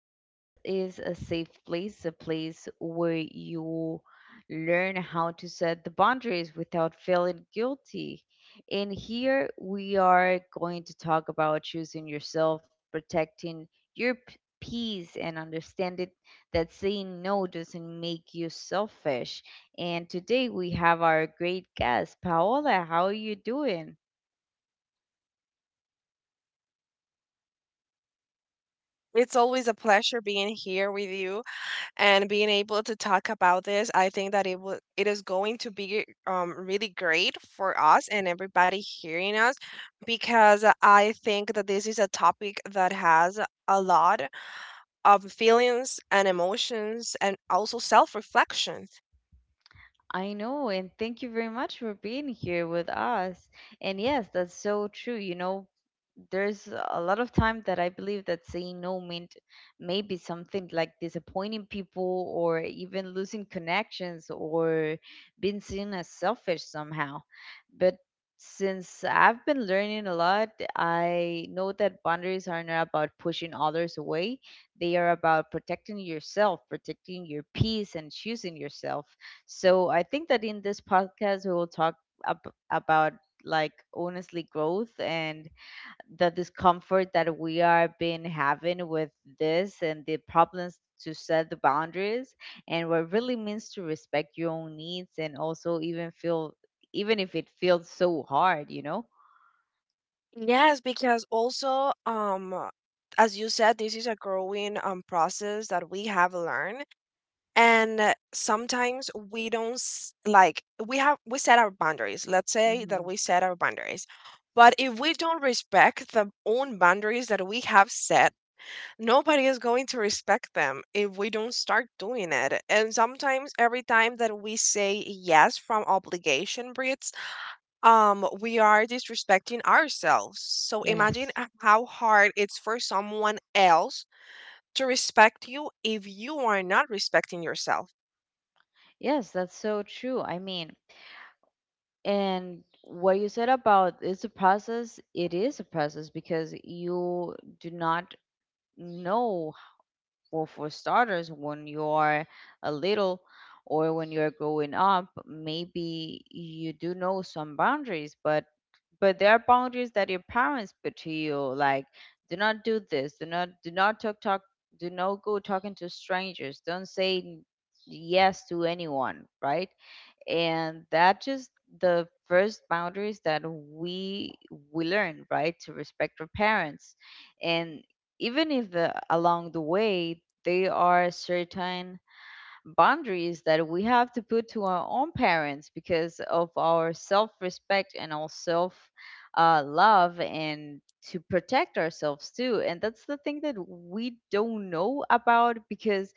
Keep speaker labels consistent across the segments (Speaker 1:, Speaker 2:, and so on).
Speaker 1: This is a safe place, a place where you learn how to set the boundaries without feeling guilty. And here we are going to talk about choosing yourself, protecting your peace, and understanding that saying no doesn't make you selfish. And today we have our great guest, Paola. How are you doing?
Speaker 2: It's always a pleasure being here with you and being able to talk about this. I think that it is going to be really great for us and everybody hearing us because I think that this is a topic that has a lot of feelings and emotions and also self-reflection.
Speaker 1: I know, and thank you very much for being here with us. And yes, that's so true. There's a lot of time that I believe that saying no meant maybe something like disappointing people or even losing connections or being seen as selfish somehow. But since I've been learning a lot, I know that boundaries are not about pushing others away. They are about protecting yourself, protecting your peace, and choosing yourself. So I think that in this podcast, we will talk about like honestly growth and the discomfort that we are been having with this and the problems to set the boundaries and what it really means to respect your own needs and also even feel even if it feels so hard,
Speaker 2: Yes, because also as you said, this is a growing process that we have learned. And sometimes we don't like we set our boundaries. Let's say that
Speaker 1: Hmm.
Speaker 2: we set our boundaries. But if we don't respect the own boundaries that we have set, nobody is going to respect them if we don't start doing it. And sometimes every time that we say yes from obligation breeds, we are disrespecting ourselves. So imagine
Speaker 1: Yes.
Speaker 2: how hard it's for someone else to respect you if you are not respecting yourself.
Speaker 1: Yes, that's so true. I mean, and what you said about it's a process, it is a process because you do not. No, well, for starters, when you're a little or when you're growing up, maybe you do know some boundaries, but there are boundaries that your parents put to you, like do not do this, do not talk, do not go talking to strangers, don't say yes to anyone, right? And that just the first boundaries that we learn, right, to respect our parents. And even if the, along the way, they are certain boundaries that we have to put to our own parents because of our self-respect and our self, love, and to protect ourselves too, and that's the thing that we don't know about because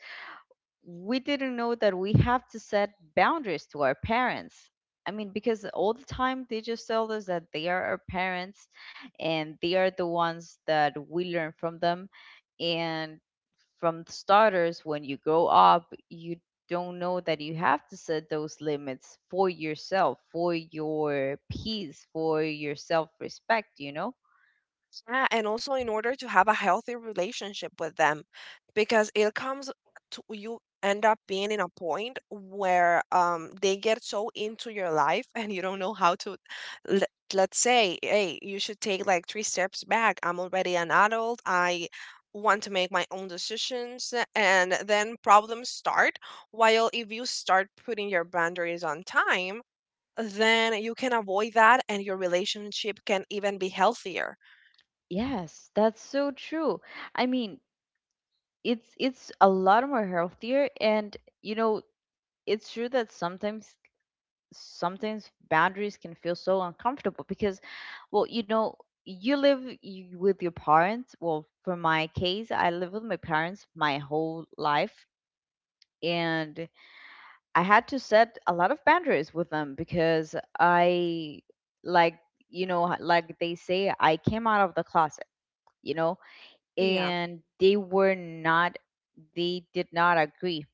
Speaker 1: we didn't know that we have to set boundaries to our parents. I mean, because all the time they just tell us that they are our parents and they are the ones that we learn from them. And from the starters, when you grow up, you don't know that you have to set those limits for yourself, for your peace, for your self respect, you know?
Speaker 2: Yeah, and also in order to have a healthy relationship with them, because it comes to you end up being in a point where they get so into your life and you don't know how to let, let's say, hey, you should take like three steps back. I'm already an adult. I want to make my own decisions and then problems start. While if you start putting your boundaries on time, then you can avoid that and your relationship can even be healthier.
Speaker 1: Yes, that's so true. I mean, it's a lot more healthier, and you know it's true that sometimes boundaries can feel so uncomfortable because, well, you know, you live with your parents. Well, for my case, I lived with my parents my whole life. And I had to set a lot of boundaries with them because I, like, you know, like they say, I came out of the closet, you know,
Speaker 2: Yeah.
Speaker 1: and they were not, they did not agree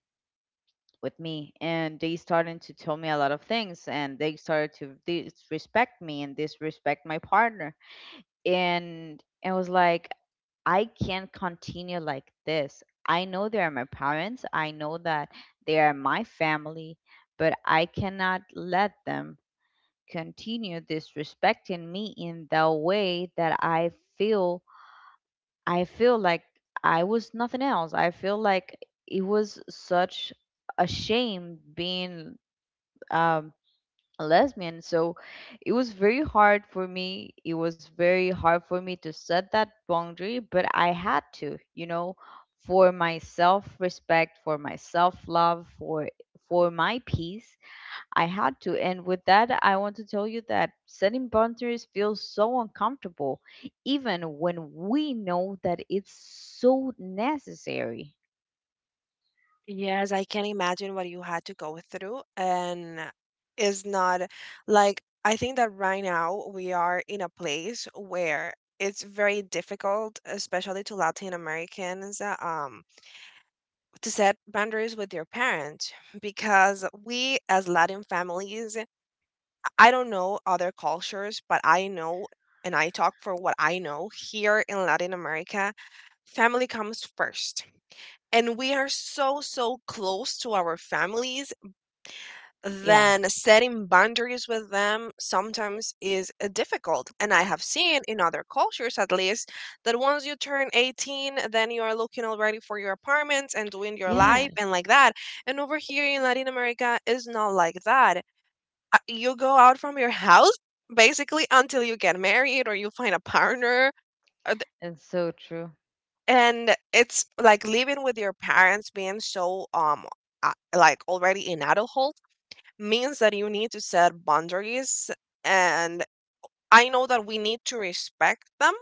Speaker 1: with me, and they started to tell me a lot of things, and they started to disrespect me and disrespect my partner. And it was like, I can't continue like this. I know they are my parents, I know that they are my family, but I cannot let them continue disrespecting me in the way that I feel. I feel like I was nothing else. I feel like it was such a shame being um, a lesbian. So it was very hard for me. It was very hard for me to set that boundary, but I had to, you know, for my self-respect, for my self-love, for my peace, I had to. And with that, I want to tell you that setting boundaries feels so uncomfortable, even when we know that it's so necessary.
Speaker 2: Yes, I can imagine what you had to go through. And it's not like I think that right now we are in a place where it's very difficult, especially to Latin Americans, to set boundaries with your parents because we as Latin families, I don't know other cultures, but I know and I talk for what I know here in Latin America, family comes first. And we are so, so close to our families
Speaker 1: Yes.
Speaker 2: then setting boundaries with them sometimes is difficult. And I have seen in other cultures, at least, that once you turn 18, then you are looking already for your apartments and doing your life and
Speaker 1: Yes.
Speaker 2: like that. And over here in Latin America, is not like that. You go out from your house basically until you get married or you find a partner. uh, th-
Speaker 1: And so true.
Speaker 2: And it's like living with your parents being so like already in adulthood means that you need to set boundaries and I know that we need to respect them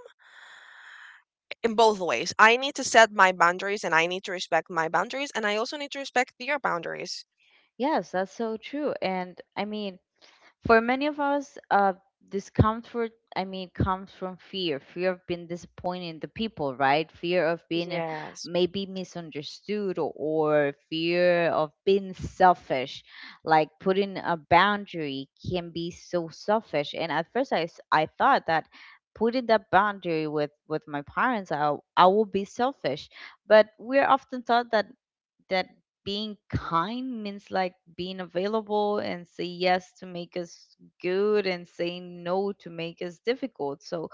Speaker 2: in both ways. I need to set my boundaries and I need to respect my boundaries and I also need to respect their boundaries.
Speaker 1: Yes, that's so true. And I mean, for many of us, discomfort, I mean, comes from fear of being disappointing the people, right? Fear of being,
Speaker 2: Yes.
Speaker 1: maybe, misunderstood, or fear of being selfish. Like putting a boundary can be so selfish. And at first, I thought that putting that boundary with my parents, I will be selfish, but we're often taught that that being kind means like being available and say yes to make us good and say no to make us difficult. So,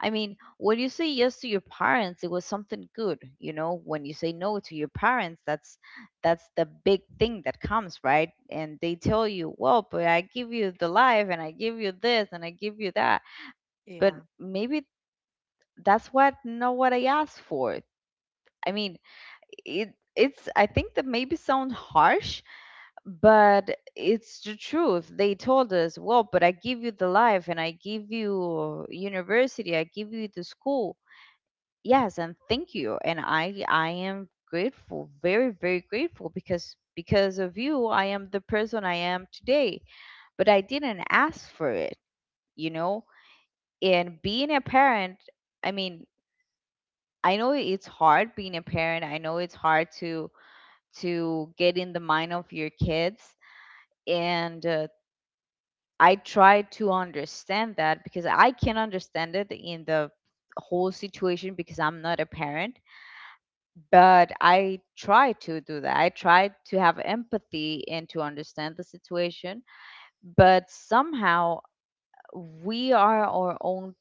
Speaker 1: I mean, when you say yes to your parents, it was something good. You know, when you say no to your parents, that's the big thing that comes, right? And they tell you, "Well, but I give you the life and I give you this and I give you that." But
Speaker 2: Yeah.
Speaker 1: maybe that's what not what I asked for. I mean, it's I think that maybe sound harsh, but it's the truth. They told us, well, but I give you the life and I give you university, I give you the school. Yes, and thank you, and I am grateful, very grateful, because of you I am the person I am today. But I didn't ask for it, you know? And being a parent, I mean, I know it's hard being a parent. I know it's hard to get in the mind of your kids. And I try to understand that because I can understand it in the whole situation because I'm not a parent, but I try to do that. I try to have empathy and to understand the situation, but somehow we are our own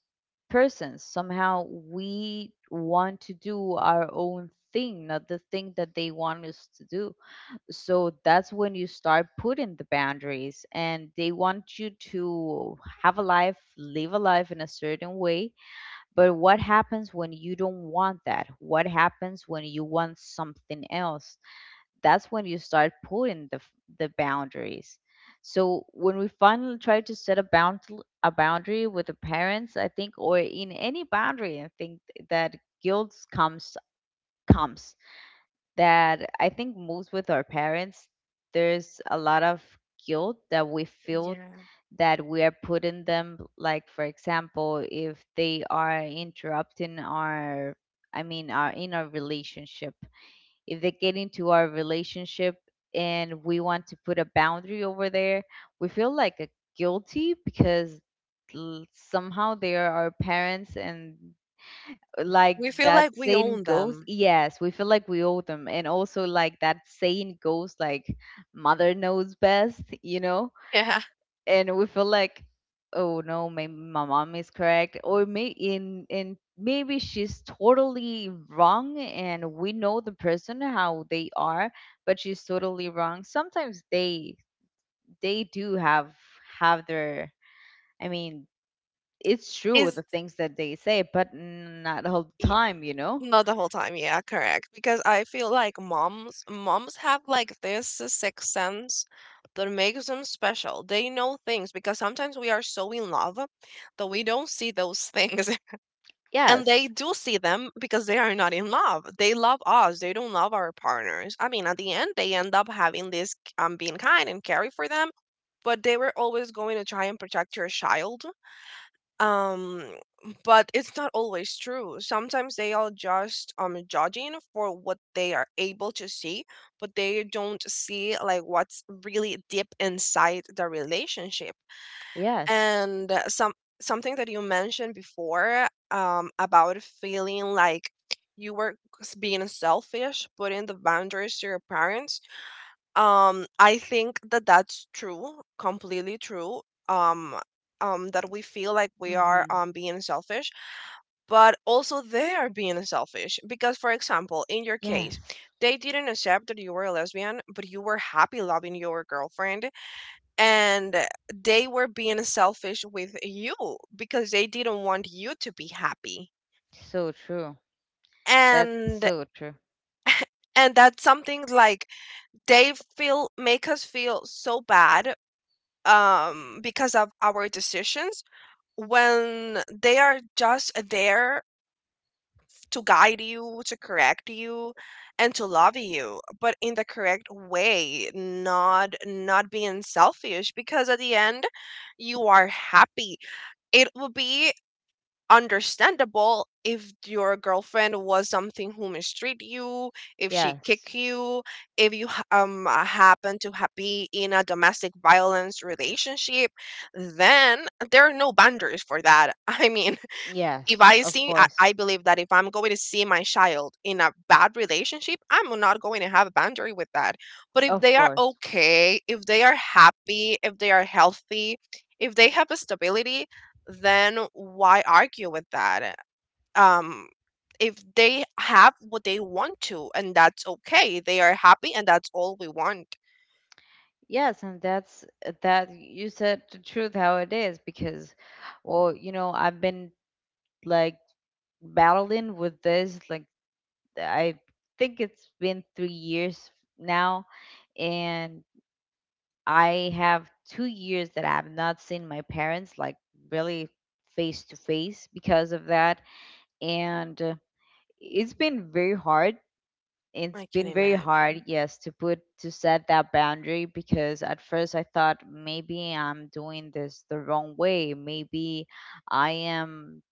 Speaker 1: persons. Somehow we want to do our own thing, not the thing that they want us to do. So that's when you start putting the boundaries, and they want you to have a life, live a life in a certain way. But what happens when you don't want that? What happens when you want something else? That's when you start putting the boundaries. So when we finally try to set a boundary with the parents, I think, or in any boundary, I think that guilt comes, that I think most with our parents, there's a lot of guilt that we feel,
Speaker 2: Yeah.
Speaker 1: that we are putting them. Like, for example, if they are interrupting I mean, our, in our relationship, if they get into our relationship and we want to put a boundary over there, we feel like a guilty because, somehow, they are our parents, and like
Speaker 2: We feel
Speaker 1: that
Speaker 2: like we
Speaker 1: saying
Speaker 2: own
Speaker 1: goes,
Speaker 2: them.
Speaker 1: yes, we feel like we owe them. And also, like that saying goes, like, mother knows best, you know?
Speaker 2: Yeah.
Speaker 1: And we feel like, oh no, maybe my mom is correct, or may in maybe she's totally wrong. And we know the person, how they are, but she's totally wrong. Sometimes they do have their, I mean, it's true, the
Speaker 2: Is
Speaker 1: things that they say, but not all the
Speaker 2: y-
Speaker 1: time, you know?
Speaker 2: not the whole time. Yeah, correct. Because I feel like moms have like this sixth sense that makes them special. They know things because sometimes we are so in love that we don't see those things and
Speaker 1: Yes.
Speaker 2: they do see them because they are not in love. They love us, they don't love our partners. I mean, at the end they end up having this being kind and caring for them, but they were always going to try and protect your child. um but it's not always true. Sometimes they are just judging for what they are able to see, but they don't see like what's really deep inside the relationship.
Speaker 1: Yes.
Speaker 2: And something that you mentioned before, about feeling like you were being selfish putting the boundaries to your parents, I think that that's true, completely true. um, that we feel like we are
Speaker 1: Mm-hmm.
Speaker 2: being selfish, but also they are being selfish because, for example, in your
Speaker 1: Yes.
Speaker 2: case they didn't accept that you were a lesbian but you were happy loving your girlfriend, and they were being selfish with you because they didn't want you to be happy.
Speaker 1: So true. That's
Speaker 2: And
Speaker 1: so true.
Speaker 2: and that's something like they feel, make us feel so bad because of our decisions, when they are just there to guide you, to correct you, and to love you, but in the correct way, not being selfish, because at the end you are happy. It will be understandable if your girlfriend was something who mistreat you, if she
Speaker 1: Yes.
Speaker 2: kick you, if you happen to be in a domestic violence relationship, then there are no boundaries for that. I mean, if
Speaker 1: Yes,
Speaker 2: I
Speaker 1: of
Speaker 2: see, I,
Speaker 1: course.
Speaker 2: I believe that if I'm going to see my child in a bad relationship, I'm not going to have a boundary with that. But if
Speaker 1: Of
Speaker 2: they are
Speaker 1: course.
Speaker 2: okay, if they are happy, if they are healthy, if they have a stability, then why argue with that? Um, if they have what they want to, and that's okay, they are happy, and that's all we want.
Speaker 1: Yes, and that's that you said the truth how it is because, well, you know, I've been like battling with this, like, I think it's been 3 years now. And I have 2 years that I have not seen my parents like really face to face because of that. And it's been very hard. It's
Speaker 2: I can
Speaker 1: been very hard,
Speaker 2: imagine.
Speaker 1: yes, to put to set that boundary because at first I thought maybe I'm doing this the wrong way. Maybe I am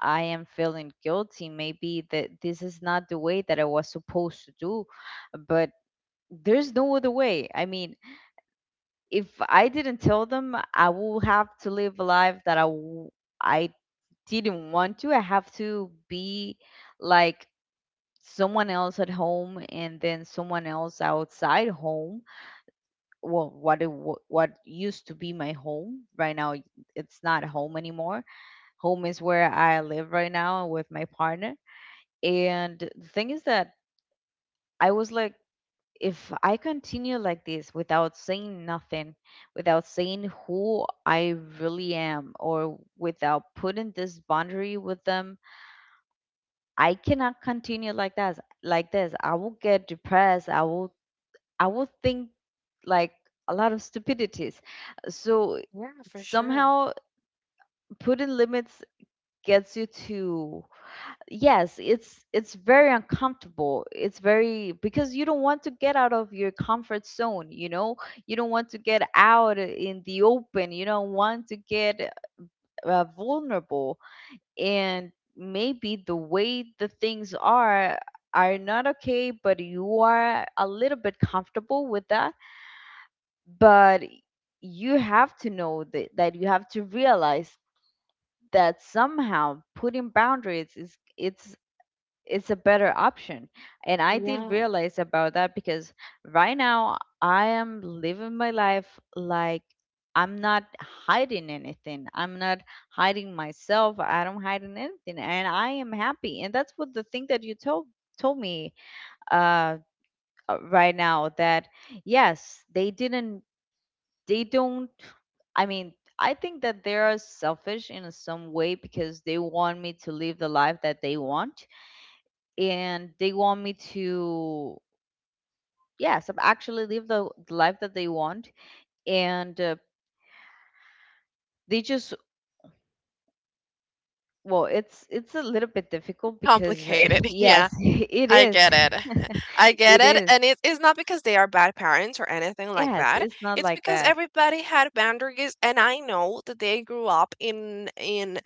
Speaker 1: I am feeling guilty. Maybe that this is not the way that I was supposed to do. But there's no other way. I mean, if I didn't tell them, I will have to live a life that I didn't want to. I have to be like someone else at home and then someone else outside home. Well, what used to be my home right now, it's not home anymore. Home is where I live right now with my partner. And the thing is that I was like, if I continue like this without saying nothing, without saying who I really am, or without putting this boundary with them, I cannot continue like that, like this. I will get depressed. I will think like a lot of stupidities. So
Speaker 2: Yeah, for sure.
Speaker 1: somehow putting limits gets you to, yes, it's very uncomfortable. It's very because you don't want to get out of your comfort zone, you know? You don't want to get out in the open. You don't want to get vulnerable, and maybe the way the things are not okay, but you are a little bit comfortable with that. But you have to know that you have to realize that somehow putting boundaries is it's a better option. And I did
Speaker 2: Yeah.
Speaker 1: realize about that, because right now I am living my life, like, I'm not hiding anything, I'm not hiding myself, I don't hide in anything, and I am happy. And that's what the thing that you told me uh right now. That yes, they didn't, they don't, I mean, I think that they are selfish in some way, because they want me to live the life that they want. And they want me to, yes, actually live the life that they want. And they just, well, it's a little bit difficult because
Speaker 2: Complicated.
Speaker 1: yes
Speaker 2: Yeah.
Speaker 1: it
Speaker 2: I
Speaker 1: is
Speaker 2: get it. I get
Speaker 1: it
Speaker 2: it.
Speaker 1: is.
Speaker 2: And it is not because they are bad parents or anything like
Speaker 1: Yes,
Speaker 2: that.
Speaker 1: it's not
Speaker 2: It's
Speaker 1: like
Speaker 2: because
Speaker 1: that.
Speaker 2: everybody had boundaries and I know that they grew up in in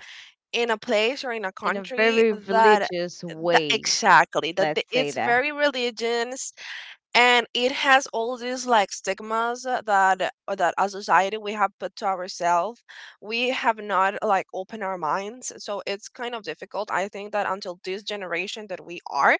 Speaker 2: in a place or in a
Speaker 1: In a
Speaker 2: country
Speaker 1: very
Speaker 2: that
Speaker 1: religious way,
Speaker 2: exactly
Speaker 1: let's say
Speaker 2: it's
Speaker 1: that.
Speaker 2: very religious, and it has all these like stigmas, that as society we have put to ourselves. We have not like opened our minds, so it's kind of difficult. I think that until this generation that we are,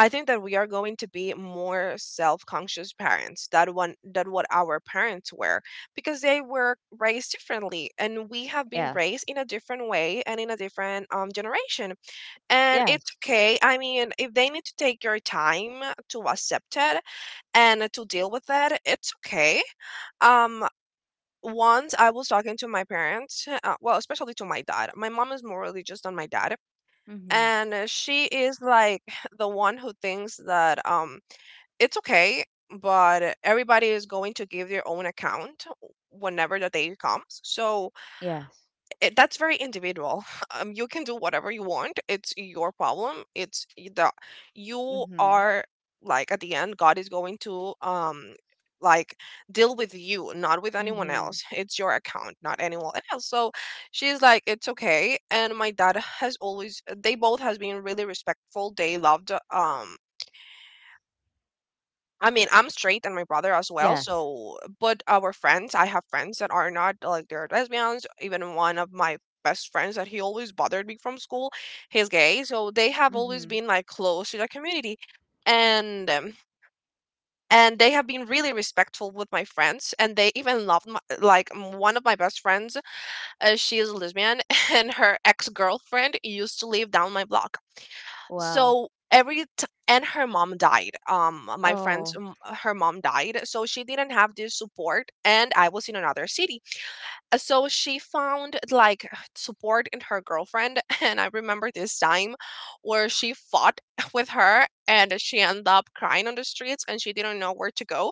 Speaker 2: I think that we are going to be more self-conscious parents that one that what our parents were, because they were raised differently and we have been raised
Speaker 1: Yes.
Speaker 2: in a different way and in a different generation. And it's
Speaker 1: Yes.
Speaker 2: okay. I mean, if they need to take your time to accept it and to deal with it, it's okay. um Once I was talking to my parents, well, especially to my dad. My mom is more religious than my dad,
Speaker 1: Hmm.
Speaker 2: and she is like the one who thinks that it's okay, but everybody is going to give their own account whenever the day comes. So
Speaker 1: Yes.
Speaker 2: that's very individual. You can do whatever you want. It's your problem. It's y- the you
Speaker 1: Hmm.
Speaker 2: are like at the end, God is going to like deal with you, not with anyone
Speaker 1: Mhm.
Speaker 2: else. It's your account, not anyone else. So she's like, it's okay. And my dad has always, they both has been really respectful. They loved I mean, I'm straight and my brother as well.
Speaker 1: Yes.
Speaker 2: So, but our friends, I have friends that are not like, they're lesbians. Even one of my best friends that he always bothered me from school, he's gay. So they have always
Speaker 1: Mhm.
Speaker 2: been like close to the community, and um, and they have been really respectful with my friends. And they even loved my, like one of my best friends. She is lesbian, and her ex girlfriend used to live down my block,
Speaker 1: Wow.
Speaker 2: so and her mom died, my friend's
Speaker 1: Oh.
Speaker 2: her mom died, so she didn't have this support and I was in another city. So she found like support in her girlfriend. And I remember this time where she fought with her and she ended up crying on the streets and she didn't know where to go.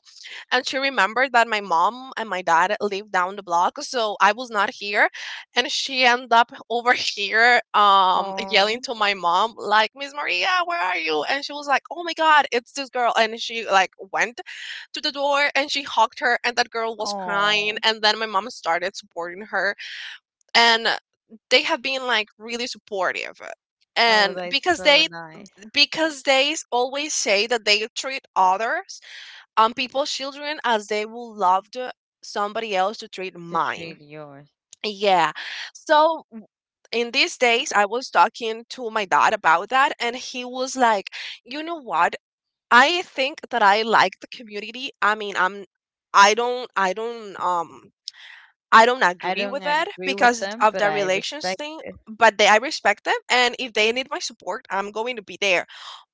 Speaker 2: And she remembered that my mom and my dad lived down the block. So I was not here. And she ended up over here, yelling
Speaker 1: Oh.
Speaker 2: to my mom, like, Miss Maria, where are you? And she was like, oh my God, it's this girl. And she like went to the door and she hugged her and that girl was crying
Speaker 1: Oh.
Speaker 2: and then my mom started supporting her, and they have been like really supportive,
Speaker 1: Oh,
Speaker 2: and
Speaker 1: that's
Speaker 2: because
Speaker 1: so
Speaker 2: they
Speaker 1: nice
Speaker 2: because they always say that they treat others, people's children as they will love to somebody else to treat
Speaker 1: to
Speaker 2: mine.
Speaker 1: treat yours.
Speaker 2: Yeah, so in these days I was talking to my dad about that and he was like, you know what, I think that I like the community. I mean, I'm, I don't I don't um I don't
Speaker 1: I
Speaker 2: agree with
Speaker 1: don't
Speaker 2: it
Speaker 1: agree with
Speaker 2: because
Speaker 1: them,
Speaker 2: of
Speaker 1: but
Speaker 2: the
Speaker 1: I
Speaker 2: relations
Speaker 1: respect
Speaker 2: thing,
Speaker 1: it.
Speaker 2: but they I respect them, and if they need my support, I'm going to be there.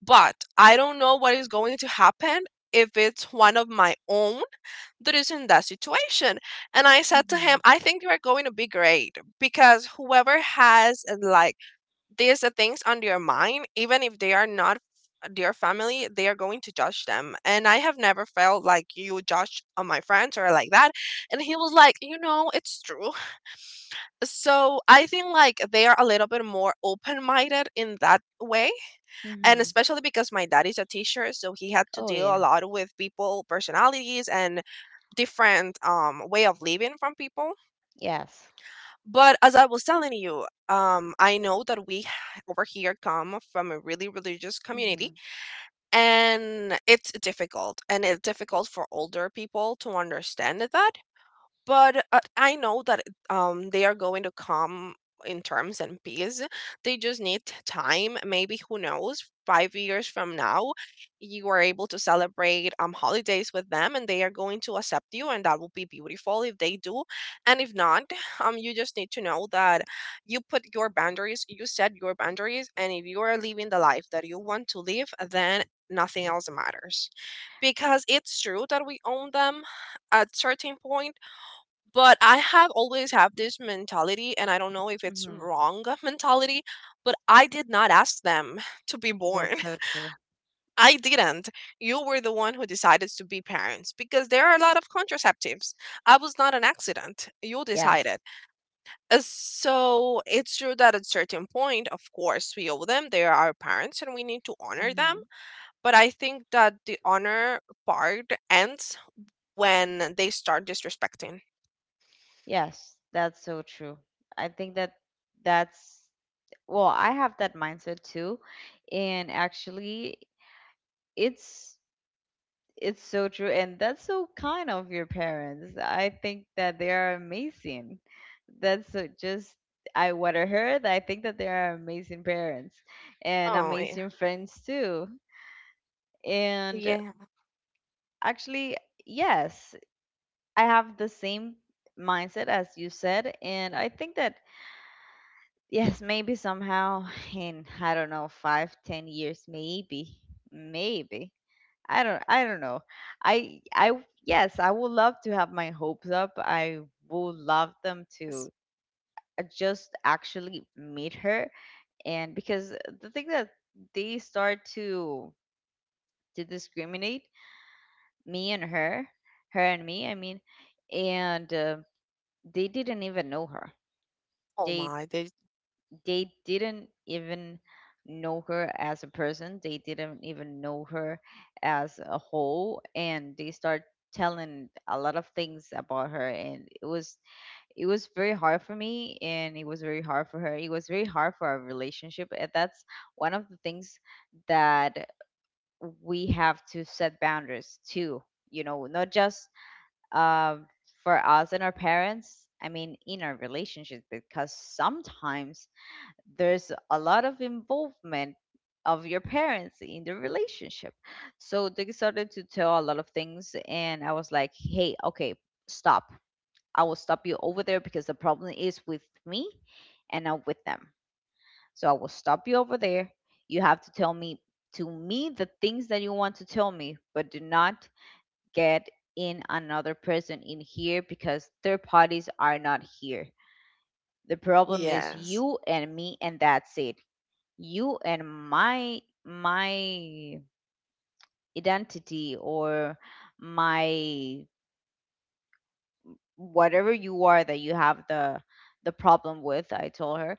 Speaker 2: But I don't know what is going to happen if it's one of my own that is in that situation. And I said to him,
Speaker 1: Mhm.
Speaker 2: I think you are going to be great because whoever has there's the things on their mind even if they are not their family. They are going to judge them, and I have never felt like you judge on my friends or like that. And he was like, you know it's true. So I think like they are a little bit more open-minded in that way, and
Speaker 1: Mhm.
Speaker 2: especially because my dad is a teacher, so he had to
Speaker 1: Oh,
Speaker 2: deal a
Speaker 1: yes.
Speaker 2: lot with people personalities and different way of living from people.
Speaker 1: Yes.
Speaker 2: But as I was telling you, I know that we over here come from a really religious community,
Speaker 1: Mhm.
Speaker 2: and it's difficult for older people to understand that. But I know that they are going to come in terms and peace. They just need time. Maybe who knows? 5 years from now, you are able to celebrate holidays with them, and they are going to accept you, and that will be beautiful if they do. And if not, you just need to know that you put your boundaries. You set your boundaries, and if you are living the life that you want to live, then nothing else matters, because it's true that we own them at certain point. But I have always have this mentality, and I don't know if it's
Speaker 1: Mhm.
Speaker 2: wrong mentality, but I did not ask them to be born.
Speaker 1: That's so true.
Speaker 2: I didn't. You were the one who decided to be parents, because there are a lot of contraceptives. I was not an accident. You
Speaker 1: Yes.
Speaker 2: decided. Uh, so it's true that at a certain point, of course we owe them, they are our parents and we need to honor them.
Speaker 1: Mhm.
Speaker 2: But I think that the honor part ends when they start disrespecting.
Speaker 1: Yes, that's so true. I think that that's, well, I have that mindset too. And actually, it's It's so true, and that's so kind of your parents. I think that they are amazing. That's so- just I what I heard. I think that they are amazing parents and
Speaker 2: Oh,
Speaker 1: amazing friends too. And
Speaker 2: yeah,
Speaker 1: actually, yes, I have the same mindset as you said, and I think that, yes, maybe somehow in, I don't know, 5, 10 years, maybe, maybe. I don't know. I, yes, I would love to have my hopes up. I would love them
Speaker 2: yes.
Speaker 1: to just actually meet her. And because the thing that they start to discriminate me and her, her and me, I mean, and they didn't even know her.
Speaker 2: Oh
Speaker 1: They
Speaker 2: my, they.
Speaker 1: they didn't even know her as a person. They didn't even know her as a whole, and they start telling a lot of things about her. And it was very hard for me, and it was very hard for her, it was very hard for our relationship. And that's one of the things that we have to set boundaries too, not just um for us and our parents, I mean, in our relationship, because sometimes there's a lot of involvement of your parents in the relationship. So they started to tell a lot of things, and I was like, hey, okay, stop. I will stop you over there, because the problem is with me and not with them. So I will stop you over there. You have to tell me, to me, the things that you want to tell me, but do not get in another person in here, because third parties are not here. The problem is
Speaker 2: Yes.
Speaker 1: you and me, and that's it. You and my identity, or my, whatever you are that you have the problem with, I told her.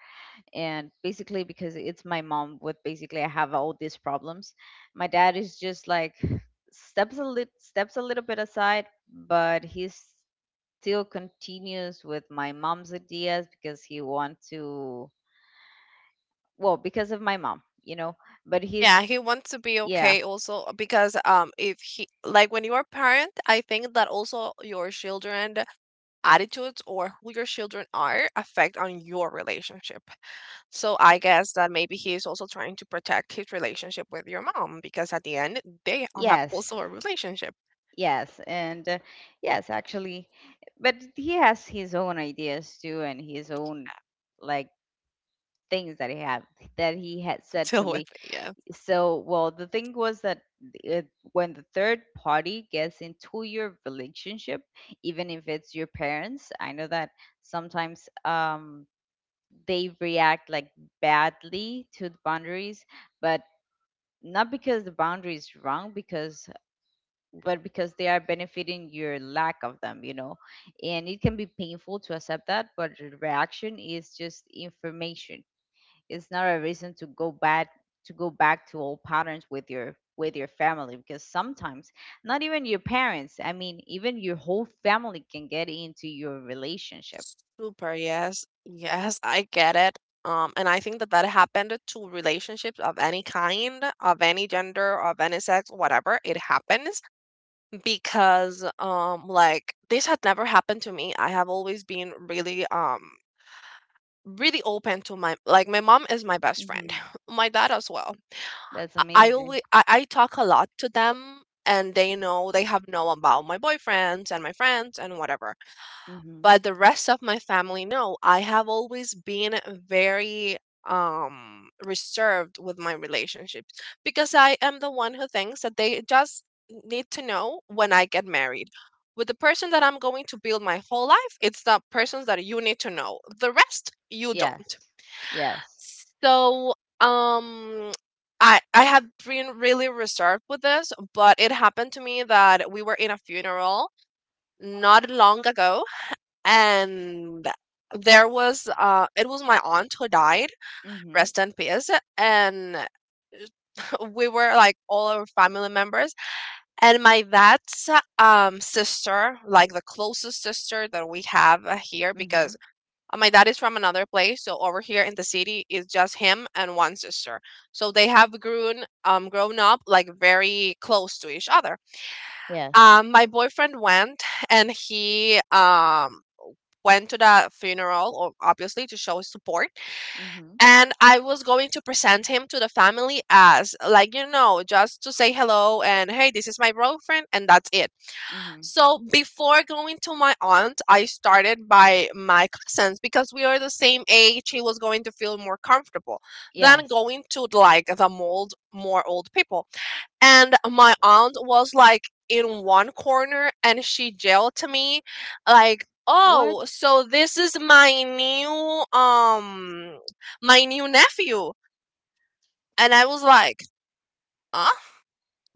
Speaker 1: And basically, because it's my mom with, basically I have all these problems. My dad is just like, steps a little bit aside. But he still continues with my mom's ideas, because he wants to, well, because of my mom, but he's,
Speaker 2: Yeah, he wants to be
Speaker 1: yeah.
Speaker 2: okay also, because if he, like, when you are parent, I think that also your children attitudes or who your children are affect on your relationship. So I guess that maybe he is also trying to protect his relationship with your mom, because at the end they all have
Speaker 1: Yes.
Speaker 2: also a relationship
Speaker 1: Yes, and yes, actually, but he has his own ideas too, and his own, like, things that he had
Speaker 2: to
Speaker 1: said to
Speaker 2: deal with.
Speaker 1: me.
Speaker 2: Yeah.
Speaker 1: So, well, the thing was that uh when the third party gets into your relationship, even if it's your parents, I know that sometimes they react like badly to the boundaries. But not because the boundary is wrong, because but because they are benefiting your lack of them, and it can be painful to accept that. But the reaction is just information, it's not a reason to go back, to old patterns with your family. Because sometimes, not even your parents, I mean, even your whole family can get into your relationship.
Speaker 2: Super. Yes. Yes, I get it. And I think that that happened to relationships of any kind, of any gender, of any sex, whatever. It happens because, like this had never happened to me. I have always been really, really open to my, like my mom is my best friend,
Speaker 1: Hmm.
Speaker 2: my dad as well.
Speaker 1: That's
Speaker 2: I
Speaker 1: amazing.
Speaker 2: always I talk a lot to them, and they know, they have known about my boyfriends and my friends and whatever.
Speaker 1: Mm-hmm.
Speaker 2: But the rest of my family, no, I have always been very reserved with my relationships, because I am the one who thinks that they just need to know when I get married. With the person that I'm going to build my whole life, it's the persons that you need to know. The rest you don't.
Speaker 1: Yes. Yes.
Speaker 2: So, um I have been really reserved with this, but it happened to me that we were in a funeral not long ago, and there was it was my aunt who died,
Speaker 1: Hmm.
Speaker 2: rest in peace. And we were like all our family members, and my dad's sister, like the closest sister that we have here, because
Speaker 1: Hmm.
Speaker 2: my dad is from another place, so over here in the city is just him and one sister. So they have grown grown up like very close to each other.
Speaker 1: Yes.
Speaker 2: My boyfriend went, and he went to the funeral, obviously, to show his support.
Speaker 1: Hmm.
Speaker 2: And I was going to present him to the family as, like, you know, just to say hello and hey, this is my boyfriend, and that's it.
Speaker 1: Hmm.
Speaker 2: So before going to my aunt, I started by my cousins, because we are the same age. He was going to feel more comfortable than
Speaker 1: Yes.
Speaker 2: going to like the mold more old people. And my aunt was like in one corner, and she yelled to me like,
Speaker 1: What?
Speaker 2: "Oh, so this is my new nephew." And I was like, "Huh?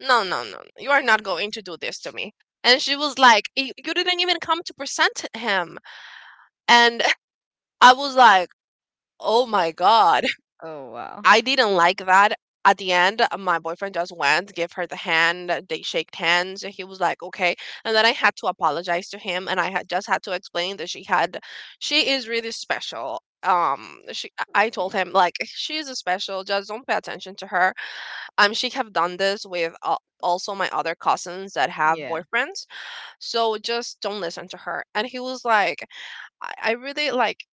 Speaker 2: No, no, no. You are not going to do this to me." And she was like, "You didn't even come to present him." And I was like, "Oh my god."
Speaker 1: Oh wow.
Speaker 2: I didn't like that. At the end, my boyfriend just went, gave her the hand, they shaked hands. He was like, okay. And then I had to apologize to him, and I had just had to explain that she had, she is really special. She, I told
Speaker 1: Eh.
Speaker 2: him like she is special. Just don't pay attention to her. She have done this with also my other cousins that have
Speaker 1: Yeah.
Speaker 2: boyfriends. So just don't listen to her. And he was like, I really like,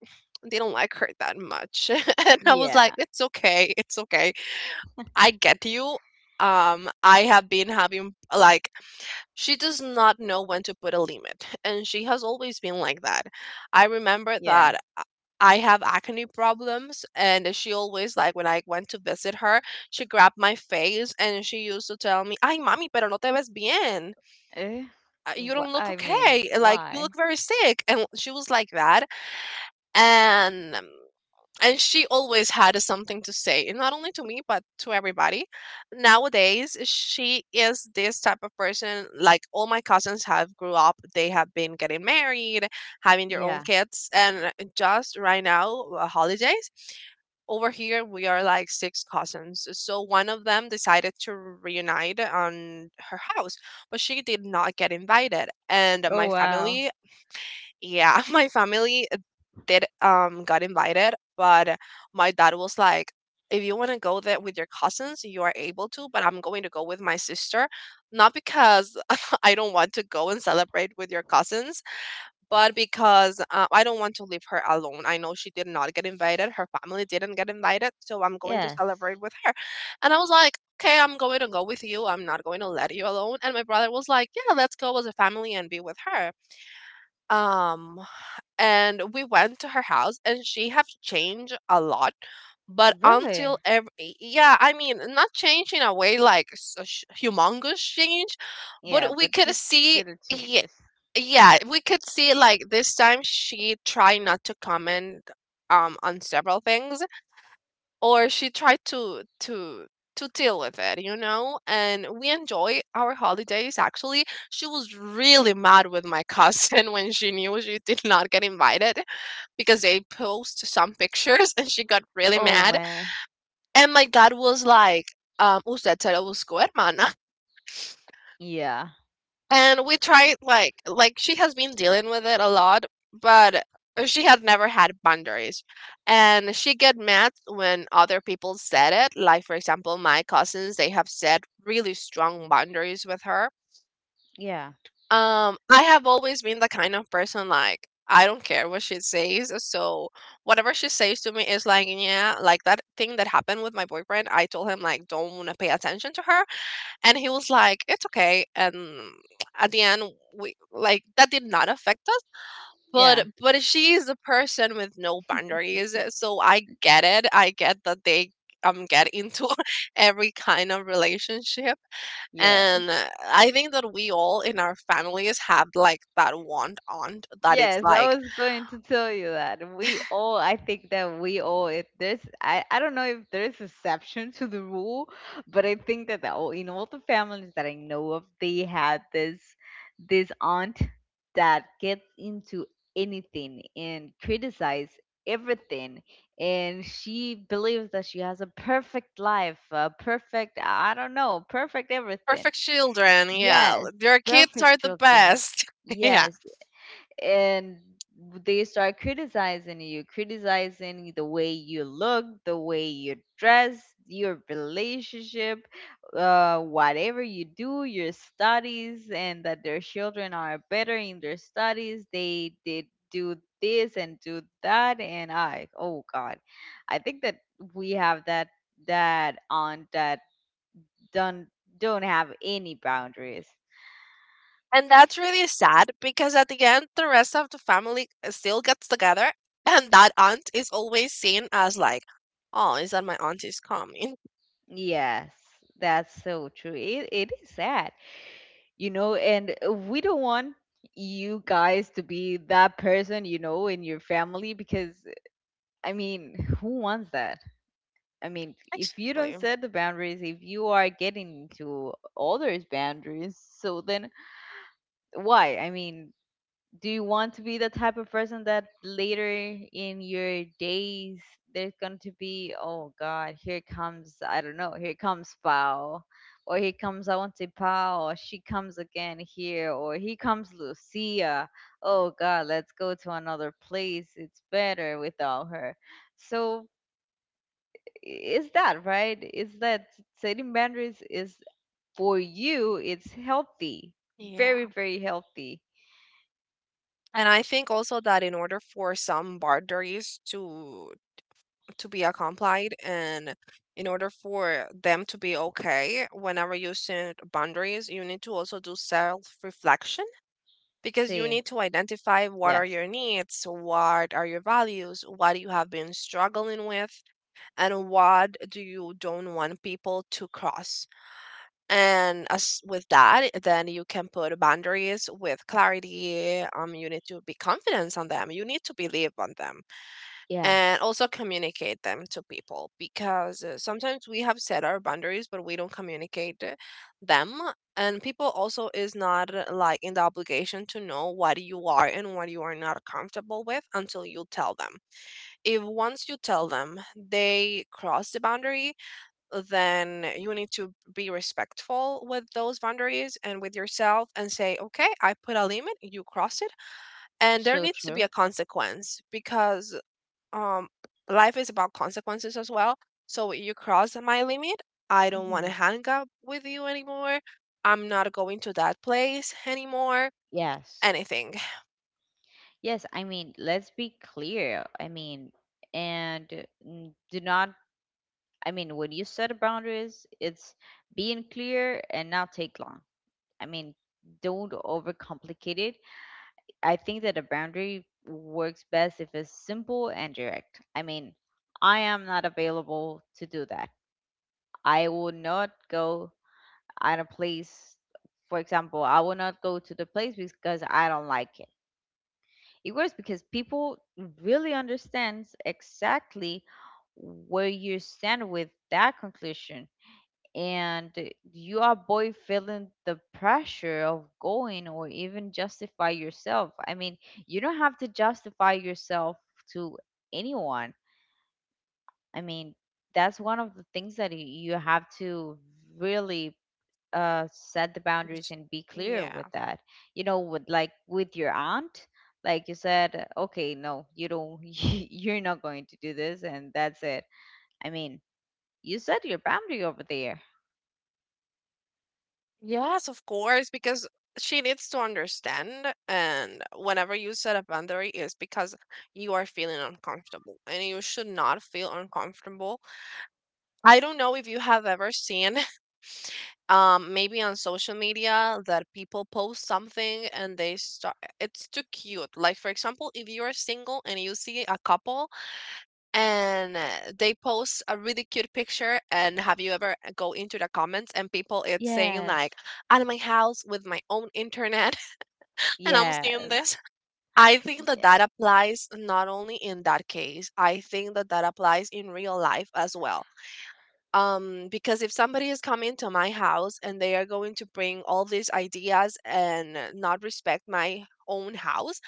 Speaker 2: they do not like her that much. And I was like,
Speaker 1: Yeah.
Speaker 2: it's okay, it's okay. I get you. I have been having like, she does not know when to put a limit, and she has always been like that. I remember
Speaker 1: Yeah.
Speaker 2: that I have acne problems, and she always like when I went to visit her, she grabbed my face and she used to tell me, "Ay, mami, pero no te ves bien.
Speaker 1: Eh?
Speaker 2: You don't look
Speaker 1: I mean,
Speaker 2: okay. Like you
Speaker 1: why?
Speaker 2: look very sick." And she was like that, and and she always had something to say, and not only to me but to everybody. Nowadays she is this type of person. Like all my cousins have grew up, they have been getting married, having their own
Speaker 1: Yeah.
Speaker 2: kids. And just right now, holidays, over here we are like six cousins, so one of them decided to reunite on her house, but she did not get invited. And my
Speaker 1: Oh wow.
Speaker 2: family, yeah, my family did got invited, but my dad was like, if you want to go there with your cousins, you are able to, but I'm going to go with my sister, not because I don't want to go and celebrate with your cousins, but because I don't want to leave her alone. I know she did not get invited, her family didn't get invited, so I'm going to
Speaker 1: Yes.
Speaker 2: celebrate with her. And I was like, okay, I'm going to go with you. I'm not going to let you alone. And my brother was like, yeah, let's go as a family and be with her. Um, and we went to her house and she have changed a lot, but until
Speaker 1: Really?
Speaker 2: every, yeah, I mean not change in a way like humongous change, but
Speaker 1: Yeah,
Speaker 2: we
Speaker 1: but
Speaker 2: could
Speaker 1: just
Speaker 2: see,
Speaker 1: little
Speaker 2: yeah,
Speaker 1: changes.
Speaker 2: yeah we could see like this time she tried not to comment on several things, or she tried to deal with it, you know. And we enjoy our holidays. Actually, she was really mad with my cousin when she knew she did not get invited, because they post some pictures and she got really
Speaker 1: Oh
Speaker 2: mad.
Speaker 1: man.
Speaker 2: And my dad was like, usted se lo buscó, hermana.
Speaker 1: Yeah.
Speaker 2: And we tried like she has been dealing with it a lot, but she had never had boundaries. And she get mad when other people said it. Like for example, my cousins, they have set really strong boundaries with her.
Speaker 1: Yeah.
Speaker 2: I have always been the kind of person like I don't care what she says, so whatever she says to me is like, yeah, like that thing that happened with my boyfriend. I told him like don't wanna pay attention to her, and he was like it's okay. And at the end we, like that did not affect us.
Speaker 1: Yeah.
Speaker 2: But she is a person with no boundaries, so I get it, I get that they get into every kind of relationship.
Speaker 1: Yeah.
Speaker 2: And I think that we all in our families have like that one aunt that it's
Speaker 1: Yes, I
Speaker 2: like
Speaker 1: was going to tell you that. We all, I think that we all, if there's, I don't know if there's exception to the rule. But I think that in all the families that I know of, they had this aunt that gets into anything and criticize everything. And she believes that she has a perfect life, a perfect, I don't know, perfect everything.
Speaker 2: perfect children, yeah,
Speaker 1: Yes,
Speaker 2: your kids
Speaker 1: perfect
Speaker 2: are the
Speaker 1: children.
Speaker 2: best. Yeah.
Speaker 1: Yes, and they start criticizing you, criticizing the way you look, the way you dress, your relationship, whatever you do, your studies, and that their children are better in their studies. They did do this and do that, and I, oh God, I think that we have that aunt that don't don't have any boundaries.
Speaker 2: And that's really sad because at the end, the rest of the family still gets together, and that aunt is always seen as like, oh, is that my aunt is coming?
Speaker 1: Yes, that's so true. It is sad, and we don't want you guys to be that person, in your family. Because, I mean, who wants that? I mean, if you don't
Speaker 2: Actually,
Speaker 1: set the boundaries, if you are getting into others boundaries, so then why, I mean, do you want to be the type of person that later in your days there's going to be, oh god, here comes, I don't know, here comes Pao, or here comes I want to Pao, or she comes again here, or here comes Lucia, oh god, let's go to another place, it's better without her? So is that right? Is that, setting boundaries is for you, it's healthy,
Speaker 2: yeah.
Speaker 1: very very healthy.
Speaker 2: And I think also that in order for some boundaries to be accomplished and in order for them to be okay, whenever you set boundaries, you need to also do self-reflection, because you
Speaker 1: See.
Speaker 2: need to identify what are
Speaker 1: Yes.
Speaker 2: your needs, what are your values, what you have been struggling with, and what do you don't want people to cross. And as with that, then you can put boundaries with clarity. You need to be confident on them. You need to believe on them and
Speaker 1: Yes.
Speaker 2: also communicate them to people because sometimes we have set our boundaries but we don't communicate them. And people also is not like in the obligation to know what you are and what you are not comfortable with until you tell them. If once you tell them they cross the boundary, then you need to be respectful with those boundaries and with yourself and say, okay, I put a limit, you crossed it, and there
Speaker 1: So
Speaker 2: needs to be
Speaker 1: true.
Speaker 2: a consequence. Because um life is about consequences as well. So you cross my limit, I don't want
Speaker 1: Hmm.
Speaker 2: to hang up with you anymore. I'm not going to that place anymore.
Speaker 1: Yes.
Speaker 2: Anything.
Speaker 1: Yes, I mean, let's be clear. I mean, and do not, I mean, when you set boundaries, it's being clear and not take long. I mean, don't overcomplicate it. I think that a boundary works best if it's simple and direct. I mean, I am not available to do that. I will not go at a place, for example, I will not go to the place because I don't like it. It works because people really understands exactly where you stand with that conclusion. And you avoid feeling the pressure of going or even justify yourself. I mean, you don't have to justify yourself to anyone. I mean, that's one of the things that you have to really set the boundaries and be clear with
Speaker 2: Yeah.
Speaker 1: that, with, like, with your aunt, like you said, okay, no, you don't, you're not going to do this, and that's it. I mean, you set your boundary over there.
Speaker 2: Yes, of course, because she needs to understand, and whenever you set a boundary is because you are feeling uncomfortable and you should not feel uncomfortable. I don't know if you have ever seen. Maybe on social media that people post something and they start, it's too cute. Like, for example, if you are single and you see a couple and they post a really cute picture, and have you ever go into the comments and people it's saying, like,
Speaker 1: Yes.
Speaker 2: out of my house with my own internet, and I'm seeing
Speaker 1: Yes.
Speaker 2: this? I think that
Speaker 1: y-
Speaker 2: that applies not only in that case, I think that that applies in real life as well. Um, because if somebody is coming to my house and they are going to bring all these ideas and not respect my own house,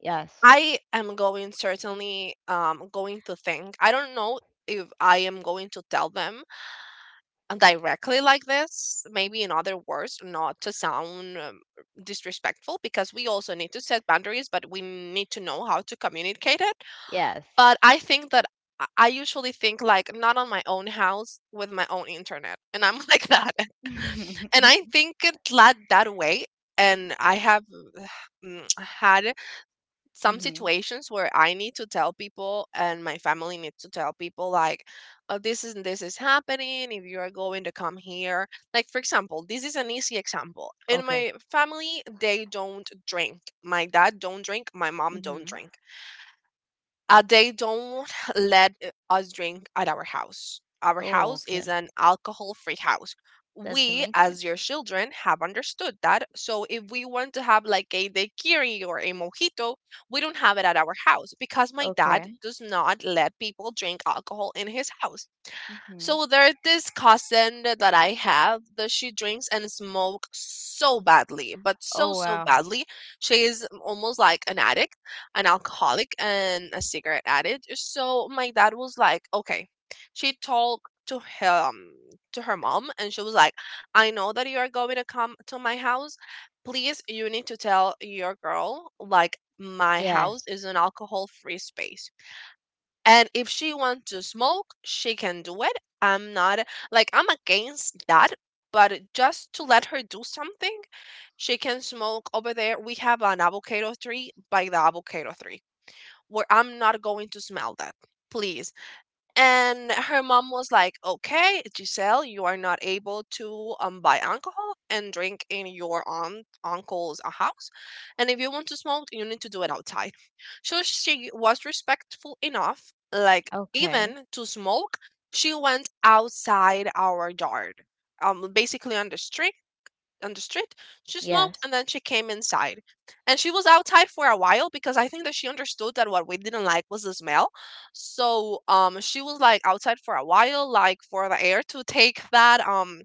Speaker 1: yes.
Speaker 2: I am going certainly going to think, I don't know if I am going to tell them directly like this, maybe in other words, not to sound disrespectful, because we also need to set boundaries but we need to know how to communicate it.
Speaker 1: Yes.
Speaker 2: But I think that I usually think like, not on my own house with my own internet, and I'm like that, and
Speaker 1: Mm-hmm.
Speaker 2: I think it led that way. And I have had some situations where I need to tell people, and my family needs to tell people, like, oh, this is happening. If you are going to come here, like for example, this is an easy example. In
Speaker 1: Okay.
Speaker 2: my family, they don't drink. My dad don't drink. My mom don't
Speaker 1: Mm-hmm.
Speaker 2: drink. They don't let us drink at our house. Our
Speaker 1: Oh,
Speaker 2: house is
Speaker 1: okay.
Speaker 2: an alcohol free house.
Speaker 1: That's
Speaker 2: We,
Speaker 1: amazing.
Speaker 2: as your children, have understood that. So if we want to have like a daiquiri or a mojito, we don't have it at our house because my dad
Speaker 1: Okay.
Speaker 2: does not let people drink alcohol in his house.
Speaker 1: Mm-hmm.
Speaker 2: So there's this cousin that I have that she drinks and smoke so badly, but so
Speaker 1: Oh
Speaker 2: so
Speaker 1: wow.
Speaker 2: badly. She is almost like an addict, an alcoholic, and a cigarette addict. So my dad was like, okay. She talked to him, to her mom, and she was like, I know that you are going to come to my house. Please, you need to tell your girl like my house
Speaker 1: Yes.
Speaker 2: is an alcohol free space, and if she wants to smoke, she can do it. I'm not, like, I'm against that, but just to let her do something, she can smoke over there. We have an avocado tree, by the avocado tree, where I'm not going to smell that. Please. And her mom was like, "Okay, Giselle, you are not able to buy alcohol and drink in your aunt uncle's house, and if you want to smoke, you need to do it outside." So she was respectful enough, like,
Speaker 1: Okay.
Speaker 2: even to smoke, she went outside our yard, basically on the street, on the street. She smoked
Speaker 1: Yes,
Speaker 2: and then she came inside. And she was outside for a while because I think that she understood that what we didn't like was the smell. So she was like outside for a while, like for the air to take that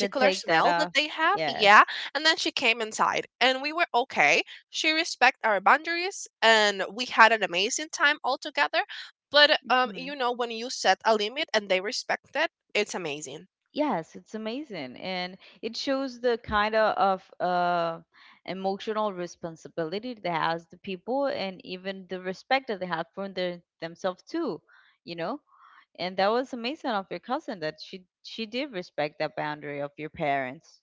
Speaker 1: to take that
Speaker 2: smell that
Speaker 1: off.
Speaker 2: they have.
Speaker 1: Yes.
Speaker 2: Yeah. And then she came inside and we were okay. She respect our boundaries and we had an amazing time all together. But
Speaker 1: Mhm.
Speaker 2: you know, when you set a limit and they respect it, it's amazing.
Speaker 1: Yes, it's amazing. And it shows the kind of emotional responsibility that has the people, and even the respect that they have for themselves too, you know? And that was amazing of your cousin that she did respect that boundary of your parents.